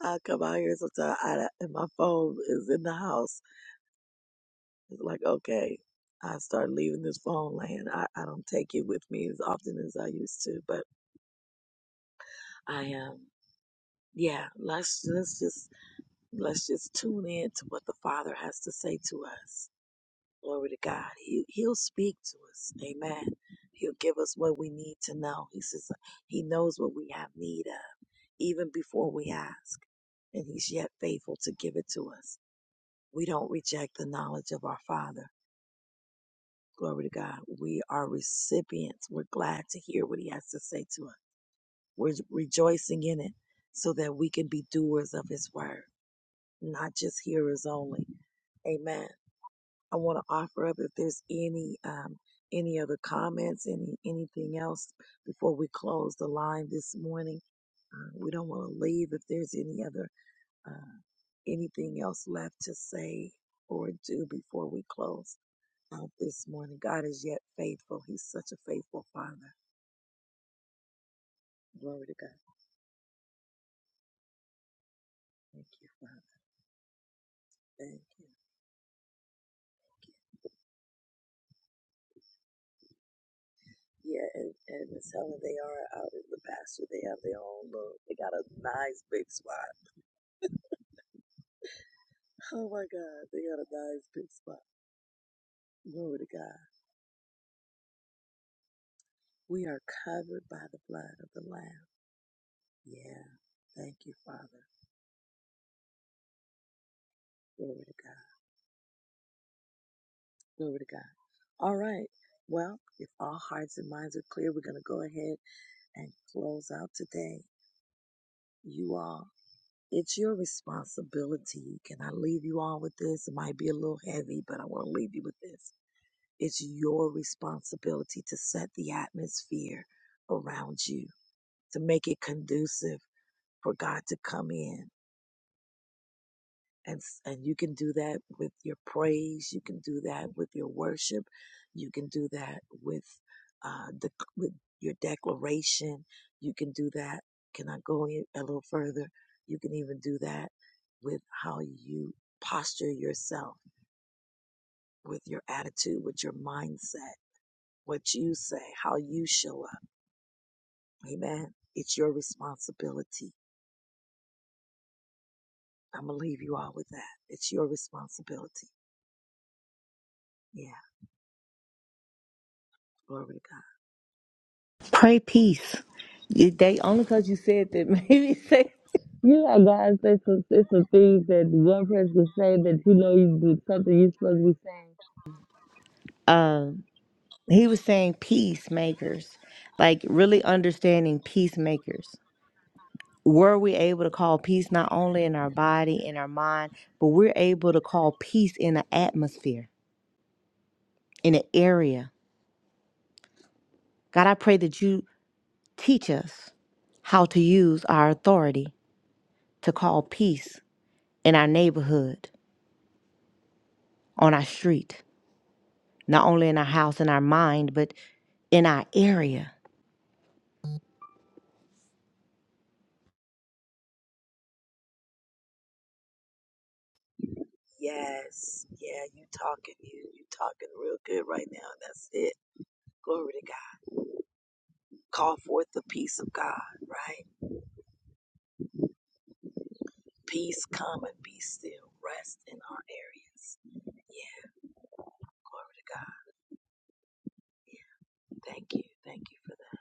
A: I come out here sometimes I, and my phone is in the house. It's like, okay, I start leaving this phone laying. I, I don't take it with me as often as I used to, but I um yeah, let's let's just let's just tune in to what the Father has to say to us. Glory to God. He he'll speak to us. Amen. He'll give us what we need to know. He says he knows what we have need of even before we ask. And he's yet faithful to give it to us. We don't reject the knowledge of our Father. Glory to God. We are recipients. We're glad to hear what he has to say to us. We're rejoicing in it so that we can be doers of his word. not just hearers only. Amen. I want to offer up if there's any um, any other comments, any anything else before we close the line this morning. Uh, we don't want to leave if there's any other uh, anything else left to say or do before we close out this morning. God is yet faithful. He's such a faithful Father. Glory to God. Thank you, Father. Thank you. Yeah, and, and Miss Helen, they are out in the pasture. They have their own little, they got a nice big spot Oh my God, they got a nice big spot. Glory to God. We are covered by the blood of the Lamb. Yeah. Thank you, Father. Glory to God. Glory to God. All right. Well, if all hearts and minds are clear, we're going to go ahead and close out today. You all, it's your responsibility. Can I leave you all with this? It might be a little heavy, but I want to leave you with this. It's your responsibility to set the atmosphere around you, to make it conducive for God to come in. And, s- and you can do that with your praise. You can do that with your worship. You can do that with, uh, the, with your declaration. You can do that. Can I go in a little further? You can even do that with how you posture yourself, with your attitude, with your mindset, what you say, how you show up. Amen. It's your responsibility. I'm going to leave you all with that. It's your responsibility. Yeah. Glory to God.
F: Pray peace. You- They only because you said that maybe say You know, guys, it's a, it's a thing that one person say that you know you do something you supposed um he was saying peacemakers, like really understanding peacemakers. Were we able to call peace not only in our body, in our mind, but we're able to call peace in an atmosphere, in an area. God, I pray that you teach us how to use our authority. to call peace in our neighborhood, on our street, not only in our house, in our mind, but in our area.
A: Yes. Yeah, you talking, you you talking real good right now. That's it. Glory to God. Call forth the peace of God, right? Peace come and be still. Rest in our areas. Yeah, glory to God. Yeah. Thank you. Thank you for that.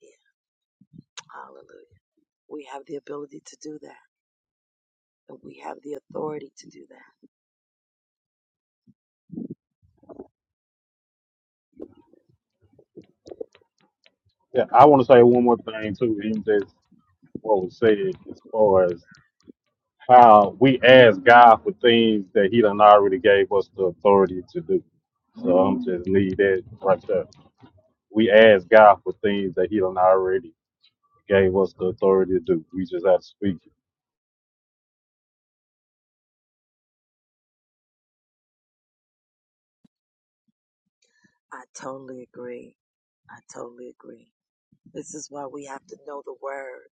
A: Yeah. Hallelujah. We have the ability to do that. And we have the authority to do that.
H: Yeah, I want to say one more thing too. In just what was said as far as how we ask God for things that He done already gave us the authority to do. So I'm just need that right there. We ask God for things that He done already gave us the authority to do. We just have to speak it.
A: I totally agree. I totally agree. This is why we have to know the word.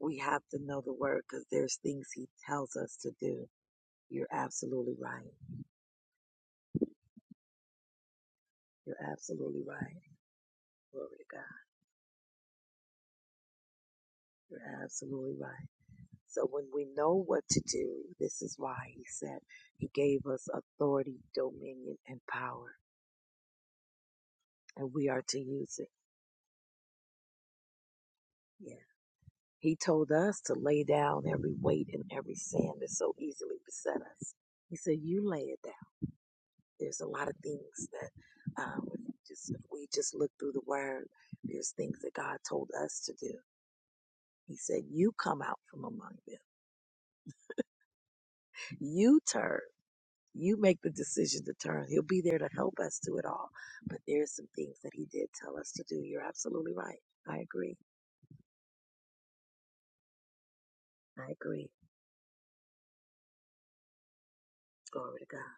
A: We have to know the word because there's things he tells us to do. You're absolutely right. You're absolutely right. Glory to God. You're absolutely right. So when we know what to do, this is why he said he gave us authority, dominion, and power, and we are to use it. Yeah. He told us to lay down every weight and every sin that so easily beset us. He said, "You lay it down." There's a lot of things that, um, just if we just look through the Word, there's things that God told us to do. He said, "You come out from among them. You turn." You make the decision to turn. He'll be there to help us do it all. But there are some things that he did tell us to do. You're absolutely right. I agree. I agree. Glory to God.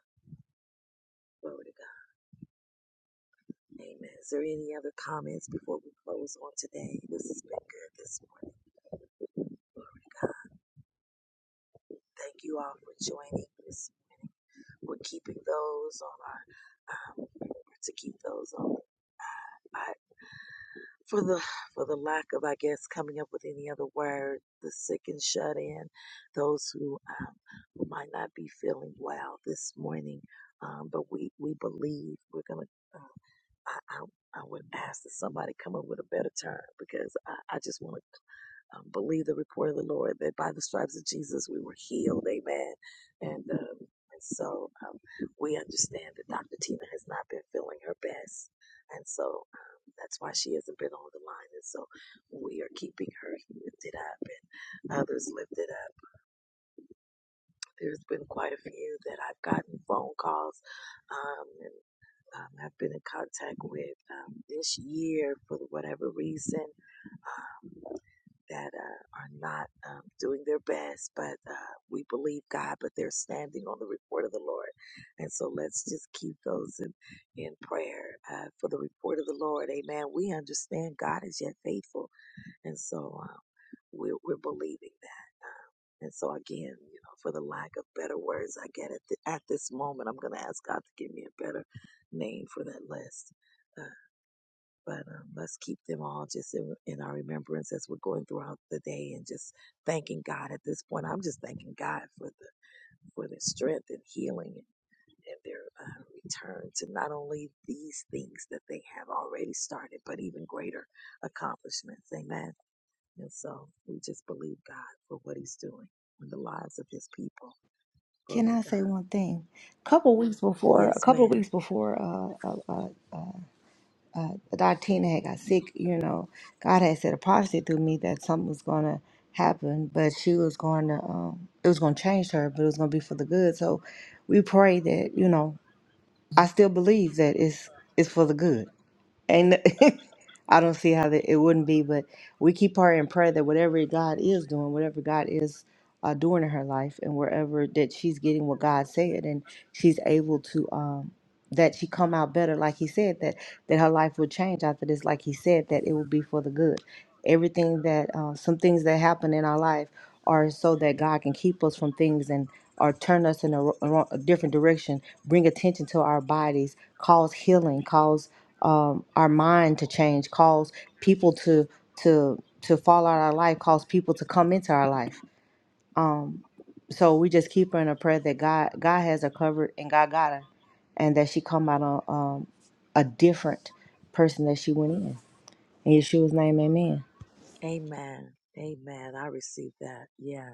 A: Glory to God. Amen. Is there any other comments before we close on today? This has been good this morning. God, thank you all for joining. us. we're keeping those on our, um, to keep those on. for the for the lack of I guess coming up with any other word, the sick and shut in, those who um, who might not be feeling well this morning, um, but we we believe we're gonna. Uh, I, I I would ask that somebody come up with a better term because I, I just want to um, believe the report of the Lord that by the stripes of Jesus we were healed. Amen. And, um, and so um, we understand that Dr. Tina has not been feeling her best. And so um, that's why she hasn't been on the line. And so we are keeping her lifted up and others lifted up. There's been quite a few that I've gotten phone calls um, and um, I've been in contact with um, this year for whatever reason Um, that uh, are not um, doing their best, but uh, we believe God, but they're standing on the report of the Lord. And so let's just keep those in, in prayer uh, for the report of the Lord. Amen. We understand God is yet faithful. And so um, we're, we're believing that. Um, and so again, you know, for the lack of better words, I get it. At thi- at this moment, I'm going to ask God to give me a better name for that list. Uh, but um, let's keep them all just in, in our remembrance as we're going throughout the day and just thanking God at this point. I'm just thanking God for the for their strength and healing and, and their uh, return to not only these things that they have already started, but even greater accomplishments. Amen. And so we just believe God for what He's doing in the lives of His people.
F: Can
A: Glory
F: I
A: to
F: say
A: God.
F: one thing? A couple weeks before, a
A: Yes,
F: couple of
A: ma'am.
F: weeks before uh, uh, uh, Dr. Tina had got sick, you know, God had said a prophecy through me that something was going to happen, but she was going to, um, it was going to change her, but it was going to be for the good. So we pray that, you know, I still believe that it's, it's for the good And I don't see how that it wouldn't be, but we keep her in prayer that whatever God is doing, whatever God is uh, doing in her life, and wherever that she's getting what God said, and she's able to um, that she come out better, like He said that that her life would change after this, like He said that it will be for the good everything that uh, some things that happen in our life are so that God can keep us from things and or turn us in a, ro- a ro- a different direction, bring attention to our bodies, cause healing, cause um, our mind to change, cause people to to to fall out of our life, cause people to come into our life. So we just keep her in a prayer that God God has her covered and God got her, and that she come out a um, a different person that she went in. In Yeshua's name, Amen.
A: Amen. Amen. I receive that. Yes.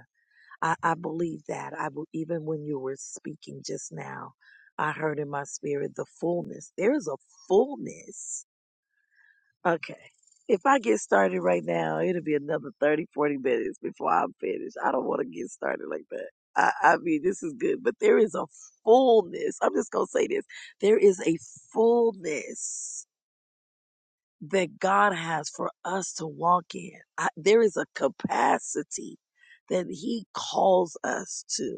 A: I, I believe that. I bel- even when you were speaking just now, I heard in my spirit the fullness. There is a fullness. Okay. If I get started right now, it'll be another 30, 40 minutes before I'm finished. I don't want to get started like that. I, I mean, this is good, but there is a fullness. I'm just going to say this. There is a fullness that God has for us to walk in. I, there is a capacity that he calls us to.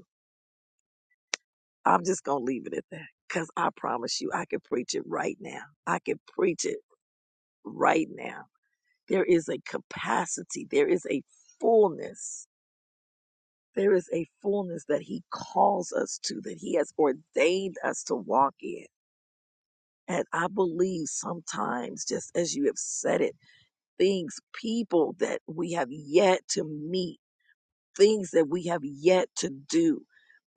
A: I'm just going to leave it at that because I promise you, I could preach it right now. I could preach it right now. There is a capacity, there is a fullness. There is a fullness that He calls us to, that He has ordained us to walk in. And I believe sometimes, just as you have said it, things, people that we have yet to meet things that we have yet to do,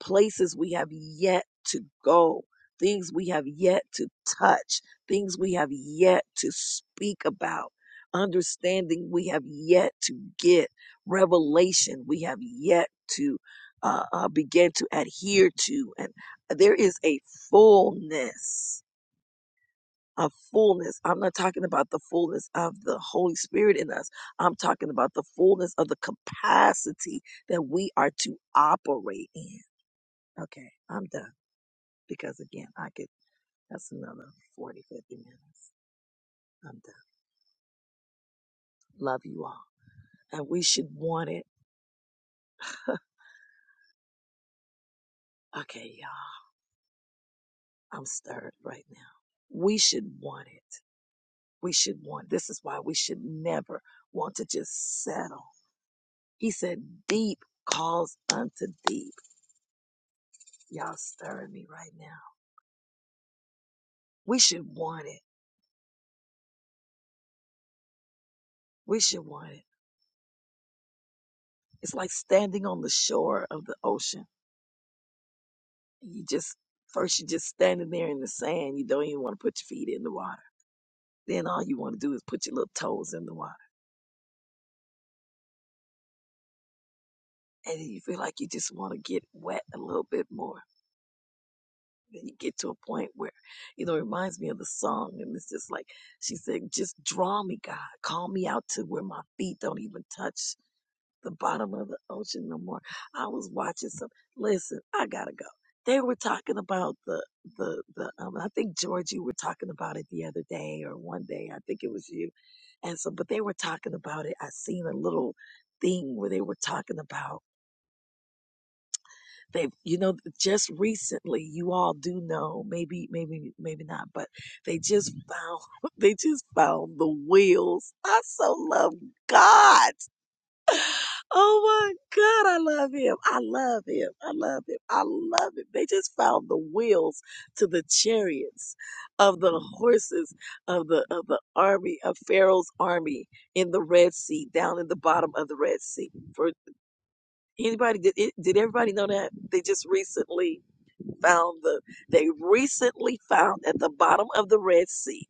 A: places we have yet to go, things we have yet to touch, things we have yet to speak about, understanding we have yet to get, revelation we have yet to uh, uh, begin to adhere to. And there is a fullness of fullness. I'm not talking about the fullness of the Holy Spirit in us. I'm talking about the fullness of the capacity that we are to operate in. Okay, I'm done because again, I could, that's another 40 50 minutes. I'm done. Love you all. And we should want it. Okay, y'all, I'm stirred right now. We should want it. We should want. This is why we should never want to just settle. He said, deep calls unto deep. Y'all stirring me right now. We should want it. We should want it. It's like standing on the shore of the ocean. You just, first you're just standing there in the sand. You don't even want to put your feet in the water. Then all you want to do is put your little toes in the water. And then you feel like you just want to get wet a little bit more. Then you get to a point where, you know, it reminds me of the song. And it's just like she said, just draw me, God. Call me out to where my feet don't even touch the bottom of the ocean no more. I was watching some. Listen, I gotta go. They were talking about the the the. Um, I think George, you were talking about it the other day or one day. I think it was you. And so, but they were talking about it. I seen a little thing where they were talking about they, you know, just recently. You all do know, maybe, maybe, maybe not, but they just found they just found the wheels. I so love God Oh my God, I love him. I love him. I love him. I love him. They just found the wheels to the chariots of the horses of the of the army of Pharaoh's army in the Red Sea, down in the bottom of the Red Sea. For anybody did it, did everybody know that? They just recently found the they recently found at the bottom of the Red Sea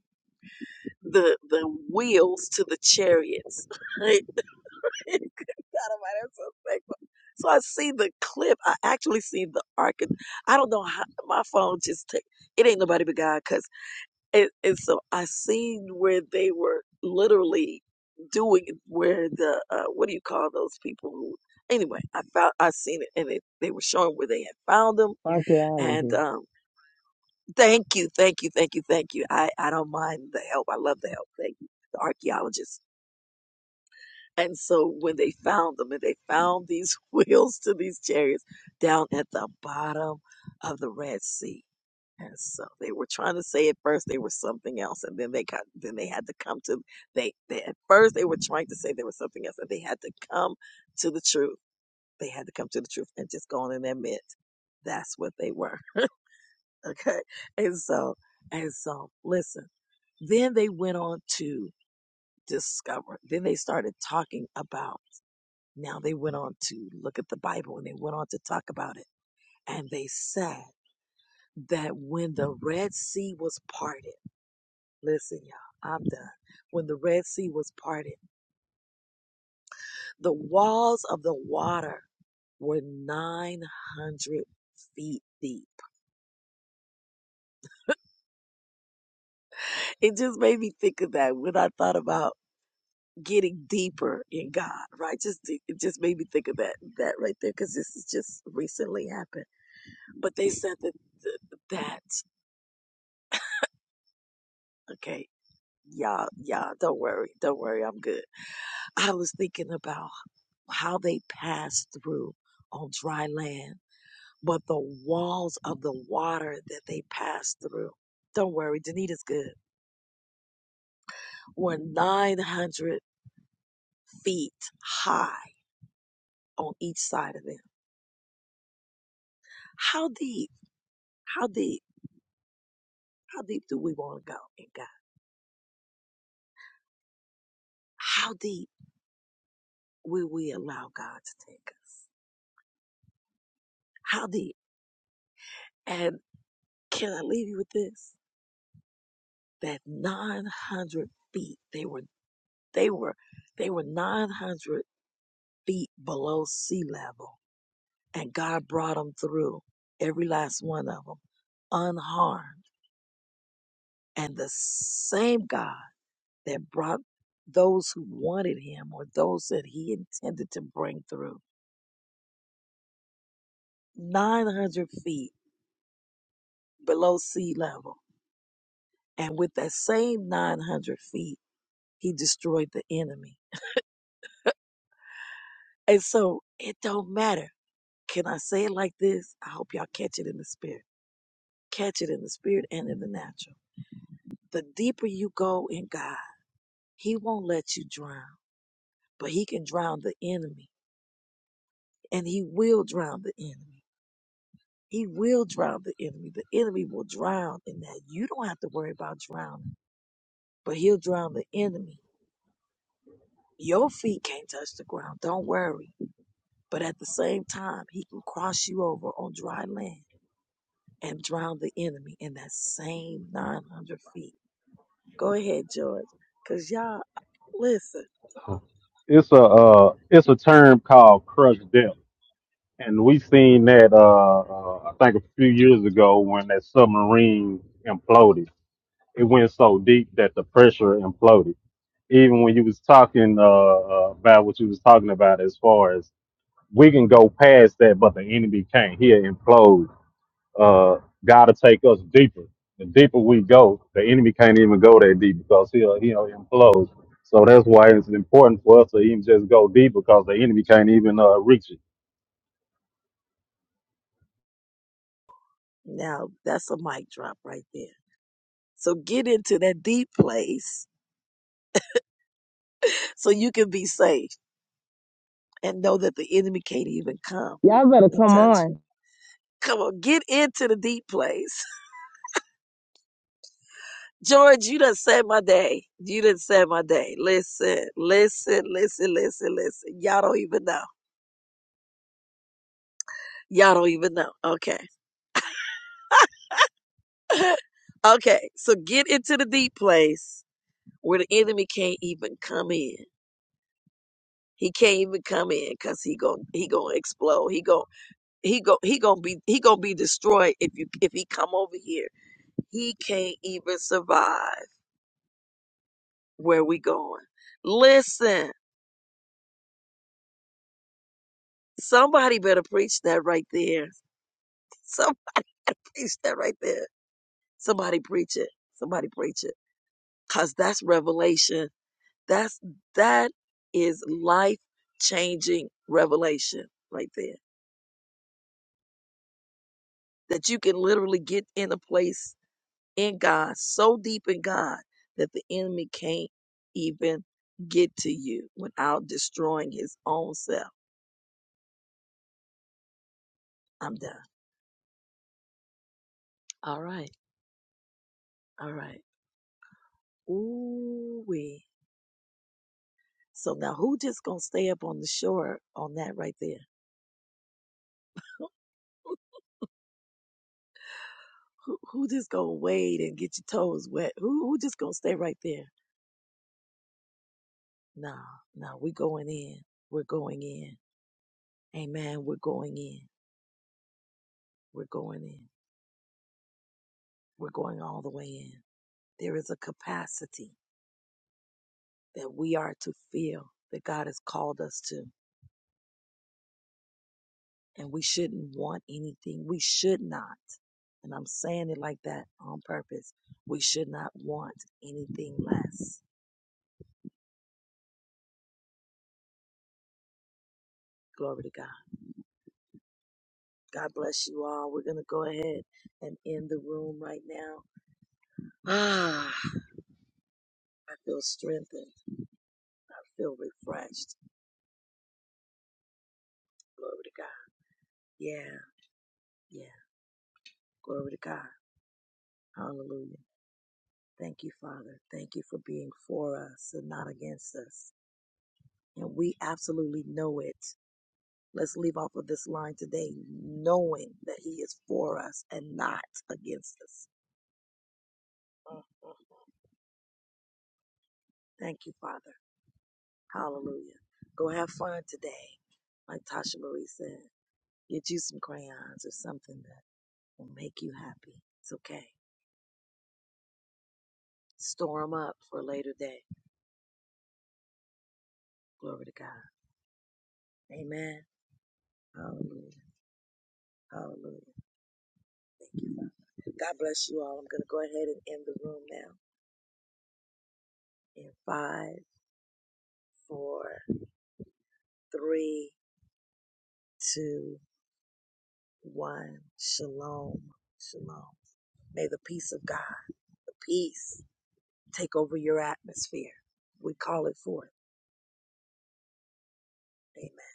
A: the the wheels to the chariots. God Almighty, I'm so thankful. So I see the clip. I actually see the arc. I don't know how my phone just took. It ain't nobody but God, cause it. And so I seen where they were literally doing it, where the uh, what do you call those people who? Anyway, I found I seen it, and it, they were showing where they had found them.
F: Archaeology.
A: And um, thank you, thank you, thank you, thank you. I I don't mind the help. I love the help. Thank you, the archaeologists And so when they found them and they found these wheels to these chariots down at the bottom of the Red Sea. And so they were trying to say at first they were something else, and then they got then they had to come to they, they at first they were trying to say they were something else, and they had to come to the truth. They had to come to the truth and just go on and admit that's what they were. Okay. And so and so listen. Then they went on to discover. Then they started talking about now they went on to look at the Bible and they went on to talk about it. And they said that when the Red Sea was parted, listen, y'all, I'm done. When the Red Sea was parted, the walls of the water were 900 feet deep. It just made me think of that when I thought about getting deeper in God, right? Just it just made me think of that that right there because this has just recently happened. But they said that that okay Yeah, yeah. don't worry. Don't worry. I'm good. I was thinking about how they passed through on dry land, but the walls of the water that they passed through, don't worry, Danita's good, were 900 feet high on each side of them. How deep, how deep, how deep do we want to go in God? How deep will we allow God to take us? How deep? And can I leave you with this? That 900 feet, they were They were they were 900 feet below sea level, and God brought them through every last one of them unharmed. And the same God that brought those who wanted Him or those that He intended to bring through 900 feet below sea level, and with that same 900 feet, He destroyed the enemy. And so it don't matter. Can I say it like this? I hope y'all catch it in the spirit Catch it in the spirit and in the natural. The deeper you go in God, He won't let you drown, but He can drown the enemy. And He will drown the enemy. He will drown the enemy. The enemy will drown in that. You don't have to worry about drowning, but He'll drown the enemy. Your feet can't touch the ground. Don't worry. But at the same time, He can cross you over on dry land and drown the enemy in that same 900 feet. Go ahead, George. Because y'all, listen.
H: It's a uh, it's a term called crush depth, and we seen that uh, uh, I think a few years ago when that submarine imploded. It went so deep that the pressure imploded. Even when you was talking uh, uh, about what you was talking about as far as we can go past that, but the enemy can't. He'll implode. Uh, gotta take us deeper. The deeper we go, the enemy can't even go that deep because he'll he'll implode. So that's why it's important for us to even just go deep because the enemy can't even uh, reach it.
A: Now that's a mic drop right there. So get into that deep place so you can be safe and know that the enemy can't even come
F: Y'all better
A: and
F: come on.
A: touch. you. Come on, get into the deep place. George, you done saved my day. You done saved my day. Listen, listen, listen, listen, listen. Y'all don't even know. Y'all don't even know. Okay. okay. So get into the deep place where the enemy can't even come in. He can't even come in because he gon' he gonna explode. He gon' he go he gonna be he gonna be destroyed if you if he come over here. He can't even survive where we going. Listen, somebody better preach that right there. Somebody better preach that right there. Somebody preach it. Somebody preach it. Cause that's revelation. That's that is life changing revelation right there. That you can literally get in a place in God, so deep in God that the enemy can't even get to you without destroying his own self. I'm done. All right. All right. Ooh wee. So now who just gonna stay up on the shore on that right there? Who who just gonna wade and get your toes wet? Who who just gonna stay right there? No, no, we're going in. We're going in. Amen. We're going in. We're going in. We're going all the way in. There is a capacity that we are to feel that God has called us to. And we shouldn't want anything. We should not. And I'm saying it like that on purpose. We should not want anything less. Glory to God. God bless you all. We're going to go ahead and end the room right now. Ah, I feel strengthened. I feel refreshed. Glory to God. Yeah, yeah. Glory to God. Hallelujah. Thank you, Father. Thank you for being for us and not against us. And we absolutely know it. Let's leave off of this line today knowing that He is for us and not against us. Mm, mm. Thank you, Father. Hallelujah. Go have fun today. Like Tasha Marie said, get you some crayons or something that will make you happy. It's okay. Store them up for a later day. Glory to God. Amen. Hallelujah. Hallelujah. Thank you, Father. God bless you all. I'm going to go ahead and end the room now in five, four, three, two, one. Shalom. Shalom. May the peace of God, the peace, take over your atmosphere. We call it forth. Amen.